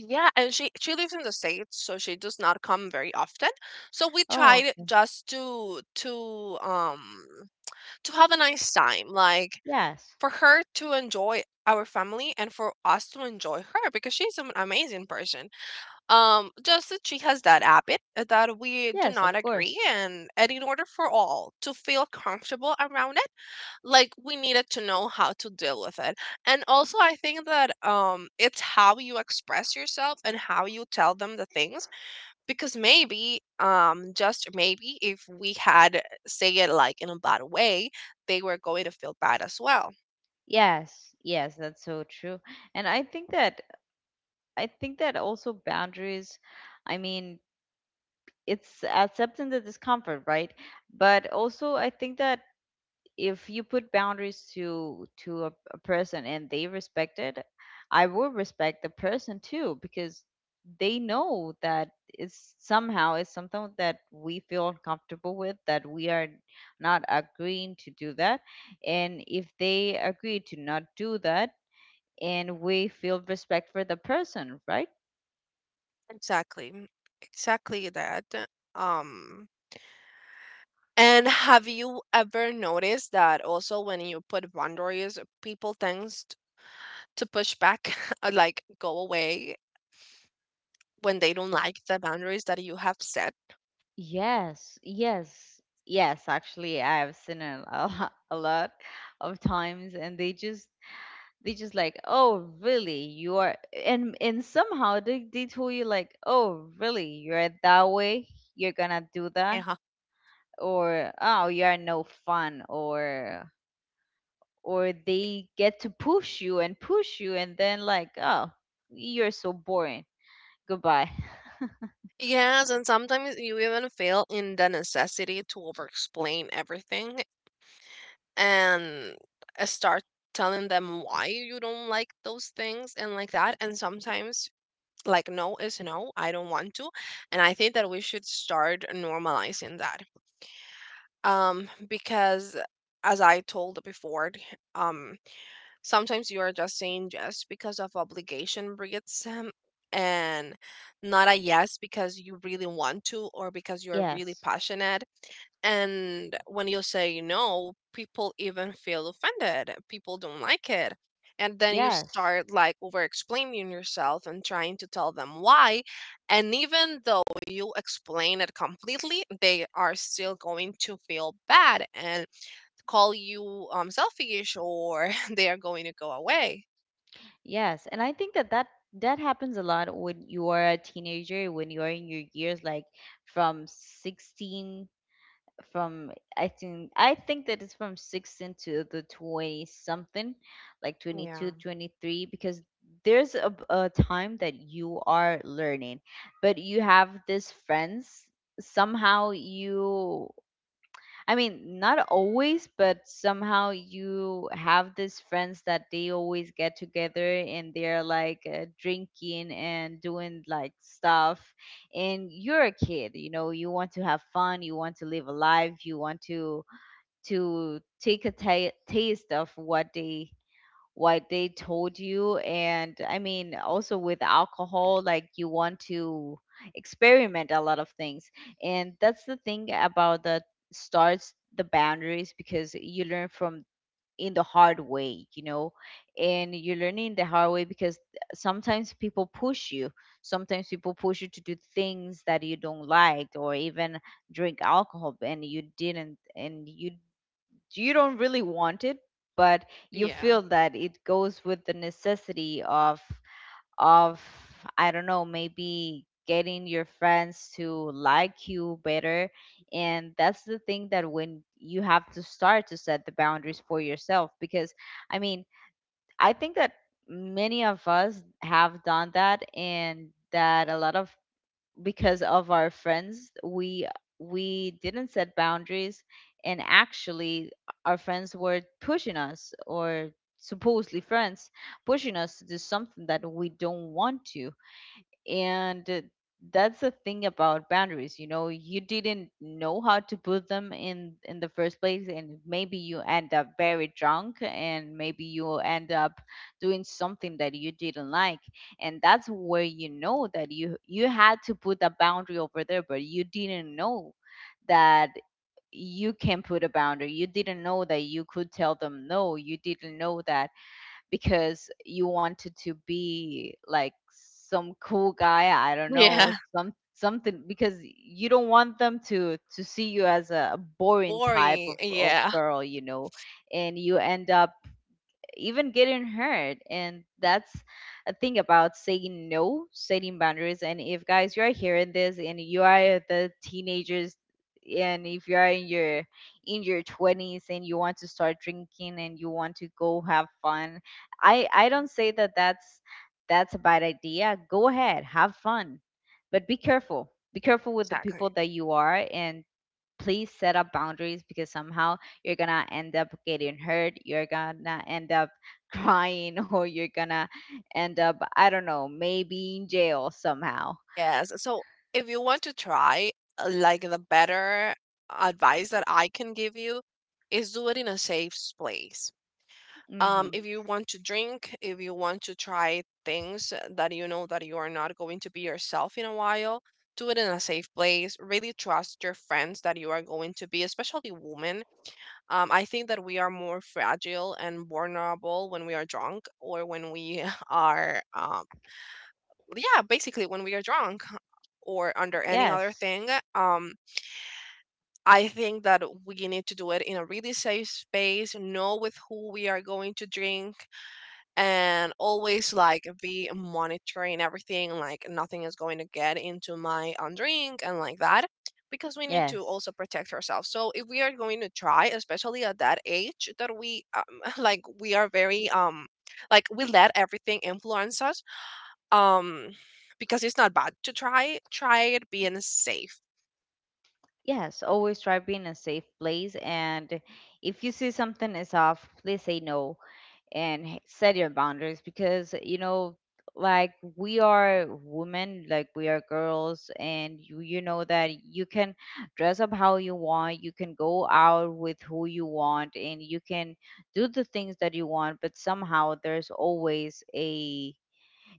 Speaker 2: Yeah, and she lives in the States, so she does not come very often. So we
Speaker 1: Oh,
Speaker 2: tried
Speaker 1: okay.
Speaker 2: just to to have a nice time, like,
Speaker 1: Yes.
Speaker 2: for her to enjoy our family and for us to enjoy her because she's an amazing person. Just that she has that habit that we do
Speaker 1: Yes,
Speaker 2: not
Speaker 1: of
Speaker 2: agree,
Speaker 1: course.
Speaker 2: and in order for all to feel comfortable around it, like we needed to know how to deal with it. And also I think that it's how you express yourself and how you tell them the things, because maybe, just maybe, if we had say it like in a bad way, they were going to feel bad as well.
Speaker 1: Yes. Yes, that's so true. And I think that also boundaries, I mean, it's accepting the discomfort, right? But also, I think that if you put boundaries to a person, and they respect it, I will respect the person too, because they know that it's somehow it's something that we feel uncomfortable with, that we are not agreeing to do that. And if they agree to not do that, and we feel respect for the person, right?
Speaker 2: Exactly. Exactly that. um and have you ever noticed that also when you put boundaries, people to push back like go away when they don't like the boundaries that you have set?
Speaker 1: Yes, yes, yes. Actually, I've seen it a lot, a lot of times, and they just like, oh, really? You are, and somehow they told you like, oh, really? You're that way? You're gonna do that?
Speaker 2: Yeah.
Speaker 1: Or oh, you are no fun? Or they get to push you, and then, like, oh, you're so boring. Goodbye.
Speaker 2: Yes, and sometimes you even feel in the necessity to over-explain everything and start telling them why you don't like those things and like that. And sometimes, like, no is no, I don't want to. And I think that we should start normalizing that. Because, as I told before, um sometimes you are just saying yes because of obligation breeds, and not a yes because you really want to or because you're really
Speaker 1: Yes,
Speaker 2: passionate. And when you say no, people even feel offended. People don't like it. And then you
Speaker 1: yes,
Speaker 2: start like over explaining yourself and trying to tell them why. And even though you explain it completely, they are still going to feel bad and call you selfish, or they are going to go away.
Speaker 1: yes, and I think that that happens a lot when you are a teenager, when you are in your years, like from 16, from I think that it's from 16 to the 20 something, like twenty
Speaker 2: Yeah.
Speaker 1: two, 23. Because there's a time that you are learning, but you have these friends. Somehow you I mean, not always, but somehow you have these friends that they always get together, and they're like drinking and doing like stuff. And you're a kid, you know, you want to have fun, you want to live a life, you want to take a ta taste of what they told you. And I mean also with alcohol, like you want to experiment a lot of things, and that's the thing about the starts the boundaries because you learn from in the hard way, you know. And you're learning the hard way because sometimes people push you, sometimes people push you to do things that you don't like, or even drink alcohol and you didn't and you don't really want it, but you
Speaker 2: Yeah.
Speaker 1: feel that it goes with the necessity of of I don't know, maybe getting your friends to like you better. And that's the thing, that when you have to start to set the boundaries for yourself. Because, I mean, I think that many of us have done that, and that a lot of, because of our friends, we didn't set boundaries. And actually our friends were pushing us, or supposedly friends pushing us, to do something that we don't want to. And that's the thing about boundaries, you know, you didn't know how to put them in the first place, and maybe you end up very drunk, and maybe you end up doing something that you didn't like. And that's where you know that you had to put a boundary over there, but you didn't know that you can put a boundary, you didn't know that you could tell them no, you didn't know that, because you wanted to be like some cool guy, I don't know,
Speaker 2: Yeah.
Speaker 1: something, because you don't want them to see you as a boring type
Speaker 2: Worrying.
Speaker 1: of
Speaker 2: Yeah.
Speaker 1: girl, you know. And you end up even getting hurt. And that's a thing about saying no, setting boundaries. And if, guys, you are hearing this and you are the teenagers, and if you are in your 20s and you want to start drinking and you want to go have fun, I don't say that that's a bad idea. Go ahead, have fun. But be careful, be careful with the people
Speaker 2: Exactly.
Speaker 1: that you are and please set up boundaries, because somehow you're gonna end up getting hurt, you're gonna end up crying, or you're gonna end up, I don't know, maybe in jail somehow.
Speaker 2: Yes. So if you want to try, like, the better advice that I can give you is do it in a safe place.
Speaker 1: Hmm.
Speaker 2: If you want to drink, if you want to try things that you know that you are not going to be yourself in a while, do it in a safe place. Really trust your friends that you are going to be, especially women. I think that we are more fragile and vulnerable when we are drunk or when we are, yeah, basically when we are drunk or under any other
Speaker 1: Yes,
Speaker 2: thing. Um, I think that we need to do it in a really safe space, know with who we are going to drink, and always like be monitoring everything, like nothing is going to get into my drink and like that. Because we need to
Speaker 1: yes,
Speaker 2: also protect ourselves. So if we are going to try, especially at that age, that we like, we are very like we let everything influence us, um because it's not bad to try it being safe.
Speaker 1: yes, always try being a safe place. And if you see something is off, please say no, and set your boundaries, because you know, like, we are women, like we are girls, and you know that you can dress up how you want, you can go out with who you want, and you can do the things that you want, but somehow there's always a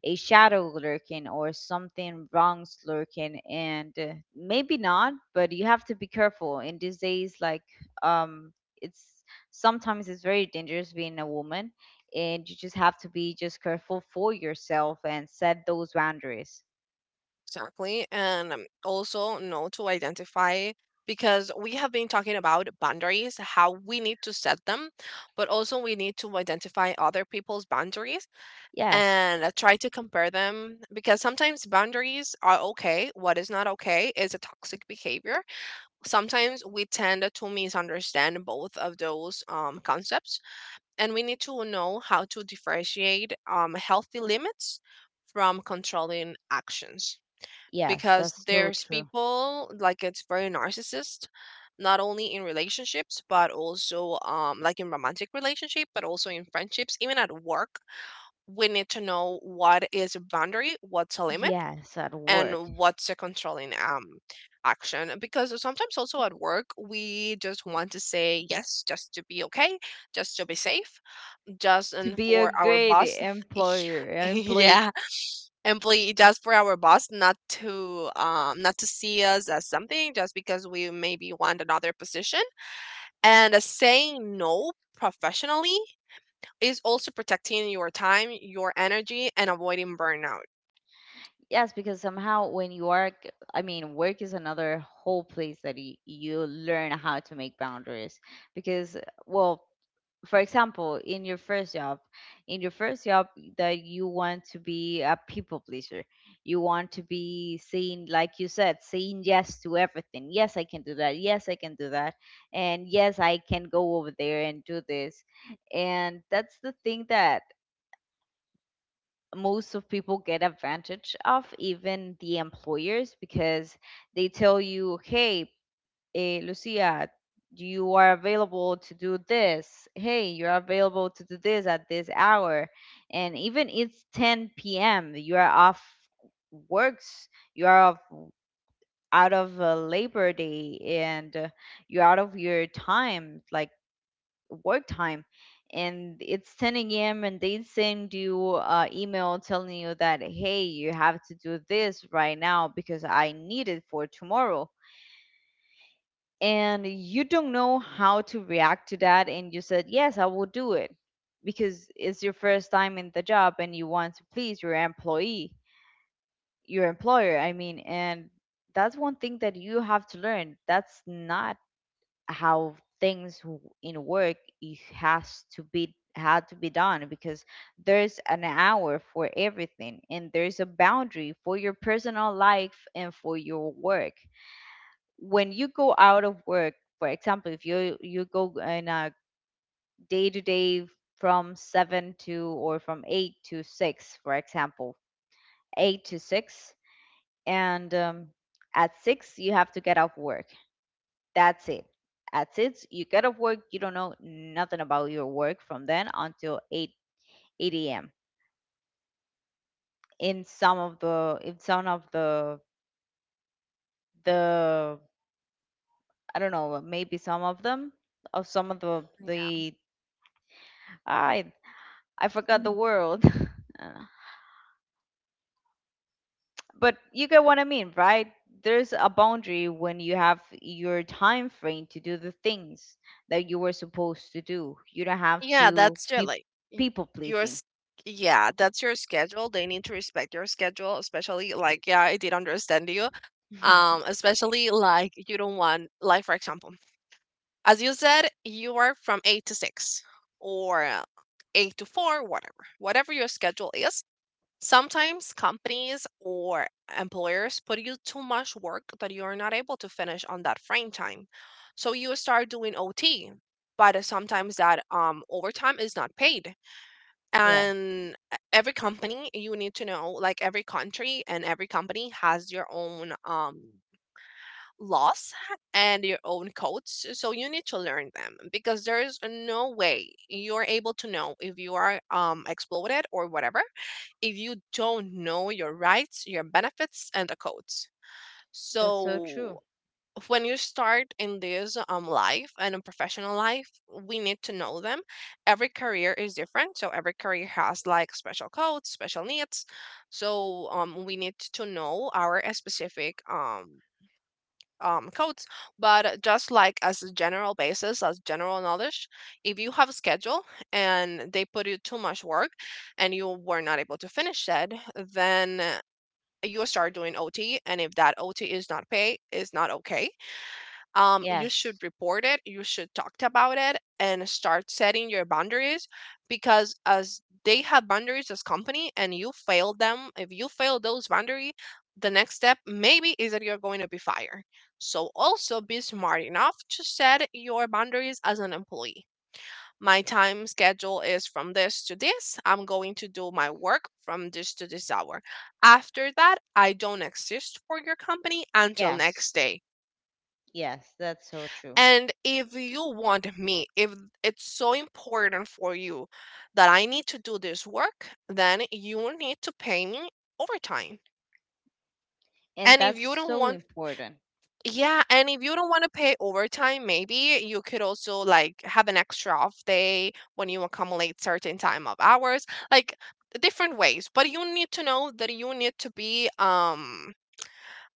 Speaker 1: a shadow lurking, or something wrong's lurking. And maybe not, but you have to be careful in these days, like, um it's, sometimes it's very dangerous being a woman, and you just have to be just careful for yourself and set those boundaries.
Speaker 2: Exactly. And also, know to identify, because we have been talking about boundaries, how we need to set them, but also we need to identify other people's boundaries
Speaker 1: Yes.
Speaker 2: and try to compare them, because sometimes boundaries are okay. What is not okay is a toxic behavior. Sometimes we tend to misunderstand both of those concepts, and we need to know how to differentiate healthy limits from controlling actions,
Speaker 1: Yes,
Speaker 2: because
Speaker 1: that's so
Speaker 2: there's
Speaker 1: true.
Speaker 2: people like it's very narcissist, not only in relationships but also like in romantic relationship but also in friendships, even at work. We need to know what is a boundary, what's a limit,
Speaker 1: Yes, at
Speaker 2: and
Speaker 1: work.
Speaker 2: what's a controlling action, because sometimes also at work we just want to say yes just to be okay, just to be safe, just
Speaker 1: To
Speaker 2: and
Speaker 1: be a
Speaker 2: for our
Speaker 1: great
Speaker 2: boss.
Speaker 1: employer employee.
Speaker 2: Yeah, employee, just for our boss not to not to see us as something just because we maybe want another position. And saying no professionally is also protecting your time, your energy, and avoiding burnout.
Speaker 1: Yes, because somehow when you work, I mean, work is another whole place that you learn how to make boundaries. Because, well, for example, in your first job, in your first job, that you want to be a people pleaser, you want to be saying, like you said, saying yes to everything. Yes, I can do that. Yes, I can do that. And yes, I can go over there and do this. And that's the thing that most of people get advantage of, even the employers, because they tell you, hey, Lucia, you are available to do this, hey, you're available to do this at this hour, and even it's 10 p.m., you are off works You are off, out of labor day, and you're out of your time, like work time. And it's 10 a.m. and they send you email telling you that, hey, you have to do this right now because I need it for tomorrow. And you don't know how to react to that, and you said, yes, I will do it, because it's your first time in the job and you want to please your employee your employer, I mean. And that's one thing that you have to learn, that's not how things in work it has to be had to be done, because there's an hour for everything, and there's a boundary for your personal life and for your work. When you go out of work, for example, if you go in a day to day, from 7 to, or from 8 to 6, for example, 8 to 6, and at 6 you have to get off work. That's it. That's it. You get off work, you don't know nothing about your work from then until 8 a.m. In some of the, I don't know, maybe some of them, of some of the I I forgot the world. Uh, but you get what I mean, right? There's a boundary when you have your time frame to do the things that you were supposed to do. You don't have
Speaker 2: Yeah,
Speaker 1: to
Speaker 2: that's your,
Speaker 1: be
Speaker 2: like, y-
Speaker 1: people
Speaker 2: your
Speaker 1: pleasing.
Speaker 2: s- yeah, that's your schedule. They need to respect your schedule, especially, like, yeah, I did understand you. Um, especially like you don't want, like, for example, as you said, you are from 8 to 6, or 8 to 4, whatever. Whatever your schedule is, sometimes companies or employers put you too much work that you are not able to finish on that frame time. So you start doing OT. But sometimes that overtime is not paid.
Speaker 1: Yeah.
Speaker 2: And every company, you need to know, like every country and every company has your own laws and your own codes. So you need to learn them, because there is no way you're able to know if you are exploded or whatever if you don't know your rights, your benefits, and the codes.
Speaker 1: That's so
Speaker 2: So
Speaker 1: true.
Speaker 2: when you start in this life and in professional life, we need to know them. Every career is different, so every career has like special codes, special needs. So we need to know our specific codes. But just like as a general basis, as general knowledge, if you have a schedule and they put you too much work and you were not able to finish that, then you start doing OT. And if that OT is not paid, is not okay, you
Speaker 1: Yes.
Speaker 2: should report it, you should talk about it and start setting your boundaries, because as they have boundaries as company, and you fail them, if you fail those boundary, the next step maybe is that you're going to be fired. So also be smart enough to set your boundaries as an employee. My time schedule is from this to this, I'm going to do my work from this to this hour. After that I don't exist for your company until
Speaker 1: Yes.
Speaker 2: next day.
Speaker 1: Yes. That's so true.
Speaker 2: And if you want me, if it's so important for you that I need to do this work, then you need to pay me overtime.
Speaker 1: And
Speaker 2: And if
Speaker 1: that's
Speaker 2: you don't
Speaker 1: so
Speaker 2: want,
Speaker 1: important.
Speaker 2: yeah, and if you don't want to pay overtime, maybe you could also like have an extra off day when you accumulate certain time of hours, like different ways. But you need to know that you need to be,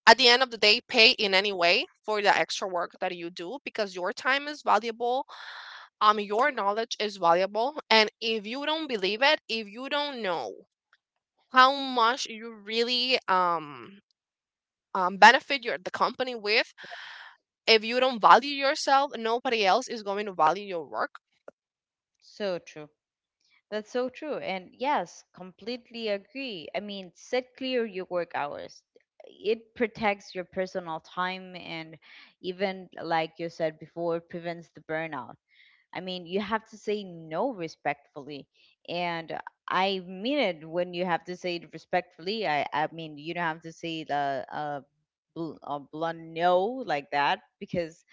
Speaker 2: at the end of the day, pay in any way for the extra work that you do, because your time is valuable, your knowledge is valuable. And if you don't believe it, if you don't know how much you really benefit your the company with, if you don't value yourself, nobody else is going to value your work.
Speaker 1: So true. That's so true. And yes, completely agree. I mean, set clear your work hours. It protects your personal time, and even, like you said before, prevents the burnout. I mean, you have to say no respectfully. And I mean it when you have to say it respectfully. I mean, you don't have to say the blunt no like that, because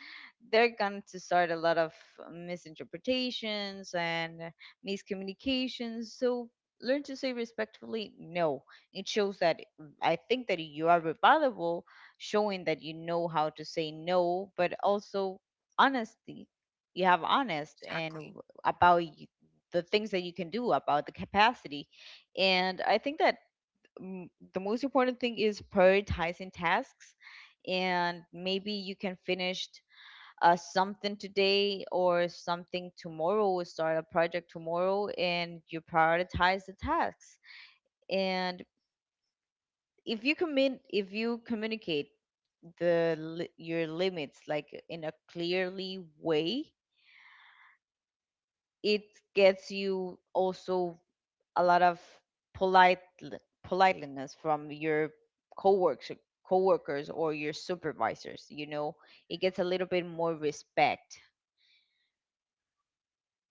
Speaker 1: they're going to start a lot of misinterpretations and miscommunications. So learn to say respectfully no. It shows that, I think that you are reliable, showing that you know how to say no, but also honesty. You have honest and
Speaker 2: Exactly.
Speaker 1: about the things that you can do, about the capacity. And I think that the most important thing is prioritizing tasks. And maybe you can finish something today, or something tomorrow, or start a project tomorrow, and you prioritize the tasks. And if you commit if you communicate your limits, like, in a clearly way, it gets you also a lot of polite politeness from your coworkers coworkers or your supervisors, you know, it gets a little bit more respect.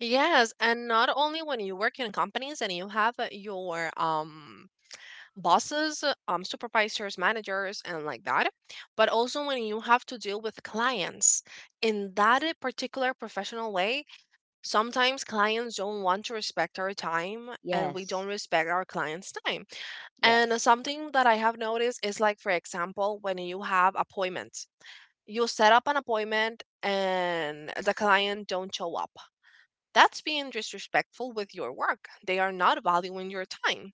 Speaker 2: Yes, and not only when you work in companies and you have your bosses, supervisors, managers and like that, but also when you have to deal with clients in that particular professional way. Sometimes clients don't want to respect our time, and we don't
Speaker 1: Yes.
Speaker 2: respect our clients' time. And
Speaker 1: Yes.
Speaker 2: something that I have noticed is like, for example, when you have appointments, you set up an appointment and the client don't show up. That's being disrespectful with your work. They are not valuing your time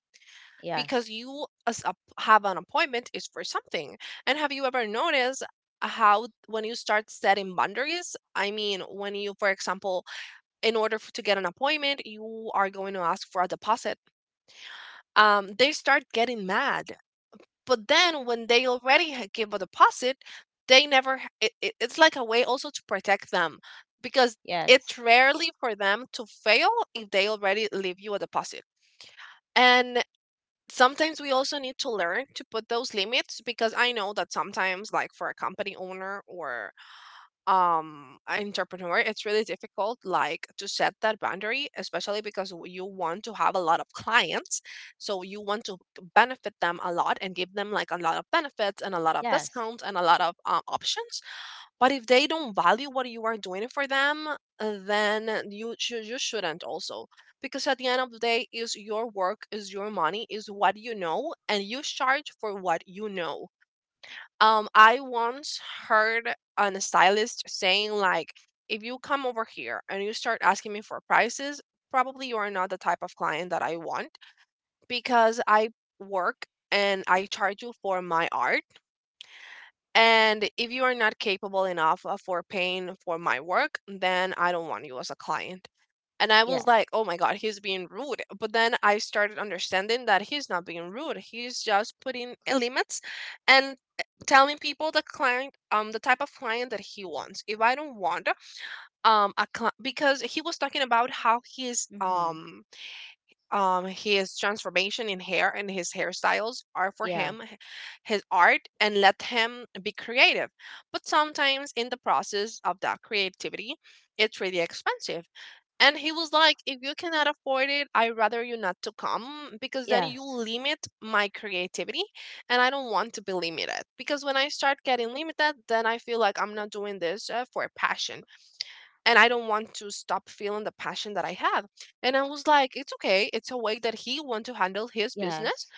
Speaker 2: because
Speaker 1: Yes.
Speaker 2: you as a, have an appointment is for something. And have you ever noticed how when you start setting boundaries, I mean, when you, for example, in order to get an appointment, you are going to ask for a deposit. They start getting mad. But then when they already give a deposit, they never, it's like a way also to protect them, because
Speaker 1: Yes.
Speaker 2: it's rarely for them to fail if they already leave you a deposit. And sometimes we also need to learn to put those limits, because I know that sometimes, like for a company owner or entrepreneur, it's really difficult like to set that boundary, especially because you want to have a lot of clients, so you want to benefit them a lot and give them like a lot of benefits and a lot of
Speaker 1: Yes.
Speaker 2: discounts and a lot of options. But if they don't value what you are doing for them, then you shouldn't also, because at the end of the day, is your work, is your money, is what you know, and you charge for what you know. Um, I once heard on a stylist saying like, if you come over here and you start asking me for prices, probably you are not the type of client that I want, because I work and I charge you for my art. And if you are not capable enough, for paying for my work, then I don't want you as a client. And I was
Speaker 1: Yes.
Speaker 2: like, oh my God, he's being rude. But then I started understanding that he's not being rude. He's just putting limits and telling people the client, the type of client that he wants. If I don't want, a cli because he was talking about how
Speaker 1: Mhm.
Speaker 2: his transformation in hair and his hairstyles are for
Speaker 1: Yeah.
Speaker 2: him, his art, and let him be creative. But sometimes in the process of that creativity, it's really expensive. And he was like, if you cannot afford it, I'd rather you not to come, because then you
Speaker 1: Yes.
Speaker 2: limit my creativity and I don't want to be limited. Because when I start getting limited, then I feel like I'm not doing this, for passion, and I don't want to stop feeling the passion that I have. And I was like, it's okay. It's a way that he want to handle his business.
Speaker 1: Yes.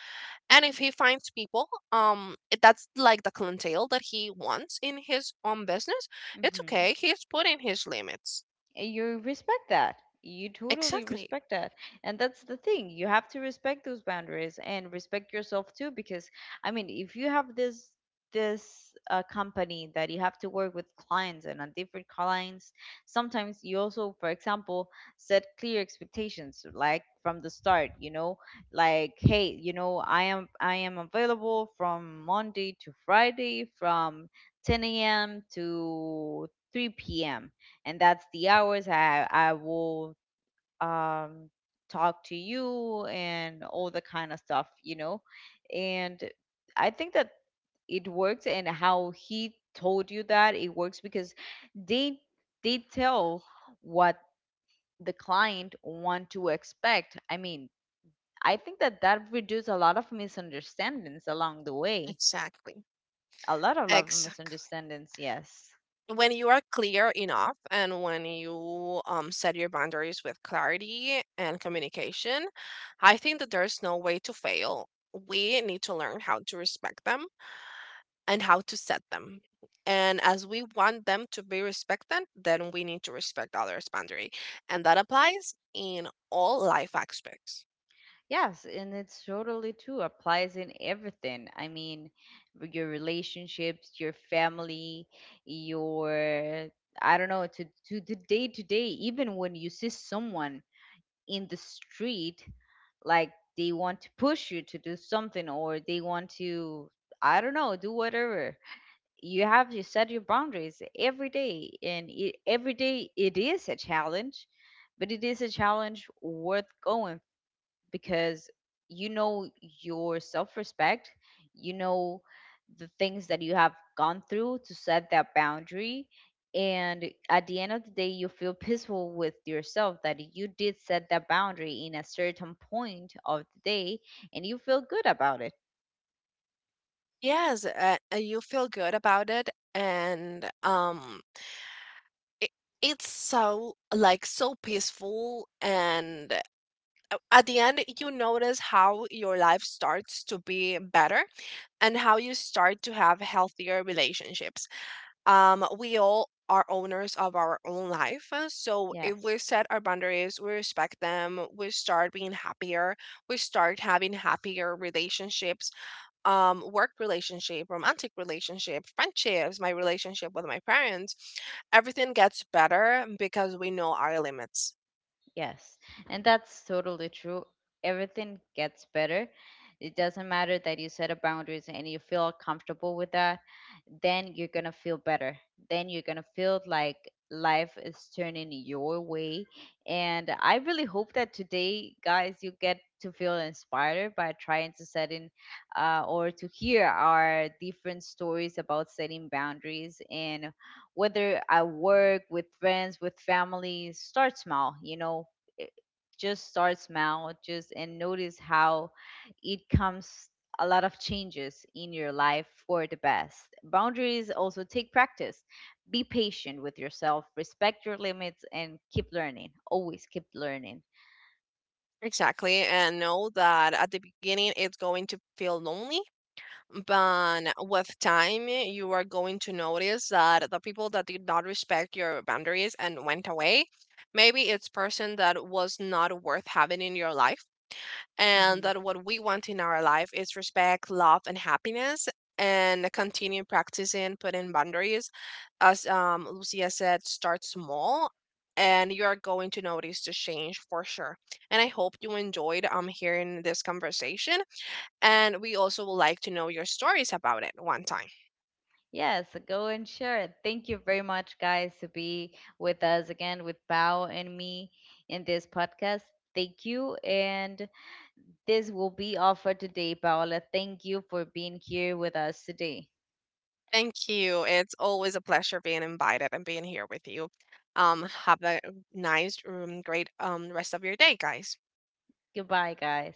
Speaker 2: And if he finds people, that's like the clientele that he wants in his own business, it's
Speaker 1: Mm-hmm.
Speaker 2: okay. He's putting his limits.
Speaker 1: You respect that, you totally
Speaker 2: Exactly.
Speaker 1: respect that. And that's the thing, you have to respect those boundaries and respect yourself too, because, I mean, if you have this company that you have to work with clients, and on different clients, sometimes you also, for example, set clear expectations, like from the start, you know, like, hey, you know, I am available from Monday to Friday, from 10 a.m. to 3 p.m., and that's the hours I will, um talk to you and all the kind of stuff, you know. And I think that it worked, and how he told you that it works, because they they tell what the client want to expect. I mean, I think that that reduces a lot of misunderstandings along the way.
Speaker 2: Exactly.
Speaker 1: A lot of love
Speaker 2: Exactly.
Speaker 1: misunderstandings, yes.
Speaker 2: When you are clear enough and when you, set your boundaries with clarity and communication, I think that there's no way to fail. We need to learn how to respect them and how to set them. And as we want them to be respected, then we need to respect others' boundary. And that applies in all life aspects.
Speaker 1: Yes, and it's totally true. Applies in everything. I mean, with your relationships, your family, your, I don't know, to the day to day, even when you see someone in the street, like, they want to push you to do something, or they want to, I don't know, do whatever. You have to set your boundaries every day, and every day it is a challenge, but it is a challenge worth going, because you know your self respect, you know the things that you have gone through to set that boundary. And at the end of the day, you feel peaceful with yourself that you did set that boundary in a certain point of the day, and you feel good about it.
Speaker 2: Yes, you feel good about it. And it it's so, so peaceful and a, at the end, you notice how your life starts to be better and how you start to have healthier relationships. We all are owners of our own life, so if
Speaker 1: Yes.
Speaker 2: we set our boundaries, we respect them, we start being happier, we start having happier relationships, work relationship, romantic relationship, friendships, my relationship with my parents, everything gets better because we know our limits.
Speaker 1: Yes, and that's totally true. Everything gets better. It doesn't matter, that you set a boundaries and you feel comfortable with that, then you're gonna feel better. Then you're gonna feel like life is turning your way. And I really hope that today, guys, you get to feel inspired by trying to set in or to hear our different stories about setting boundaries, and whether at work, with friends, with family, start small, you know, it- just start small, just, and notice how it comes a lot of changes in your life for the best. Boundaries also take practice. Be patient with yourself, respect your limits, and keep learning. Always keep learning.
Speaker 2: Exactly. And know that at the beginning it's going to feel lonely, but with time you are going to notice that the people that did not respect your boundaries and went away, maybe it's person that was not worth having in your life, and
Speaker 1: Hmm.
Speaker 2: that what we want in our life is respect, love, and happiness. And continue practicing putting boundaries. As Lucia said, start small, and you are going to notice the change for sure. And I hope you enjoyed hearing this conversation. And we also would like to know your stories about it one time.
Speaker 1: Yes, go and share it. Thank you very much, guys, to be with us again, with Bao and me, in this podcast. Thank you, and this will be all for today, Paola. Thank you for being here with us today.
Speaker 2: Thank you. It's always a pleasure being invited and being here with you. Have a nice, great rest of your day, guys.
Speaker 1: Goodbye, guys.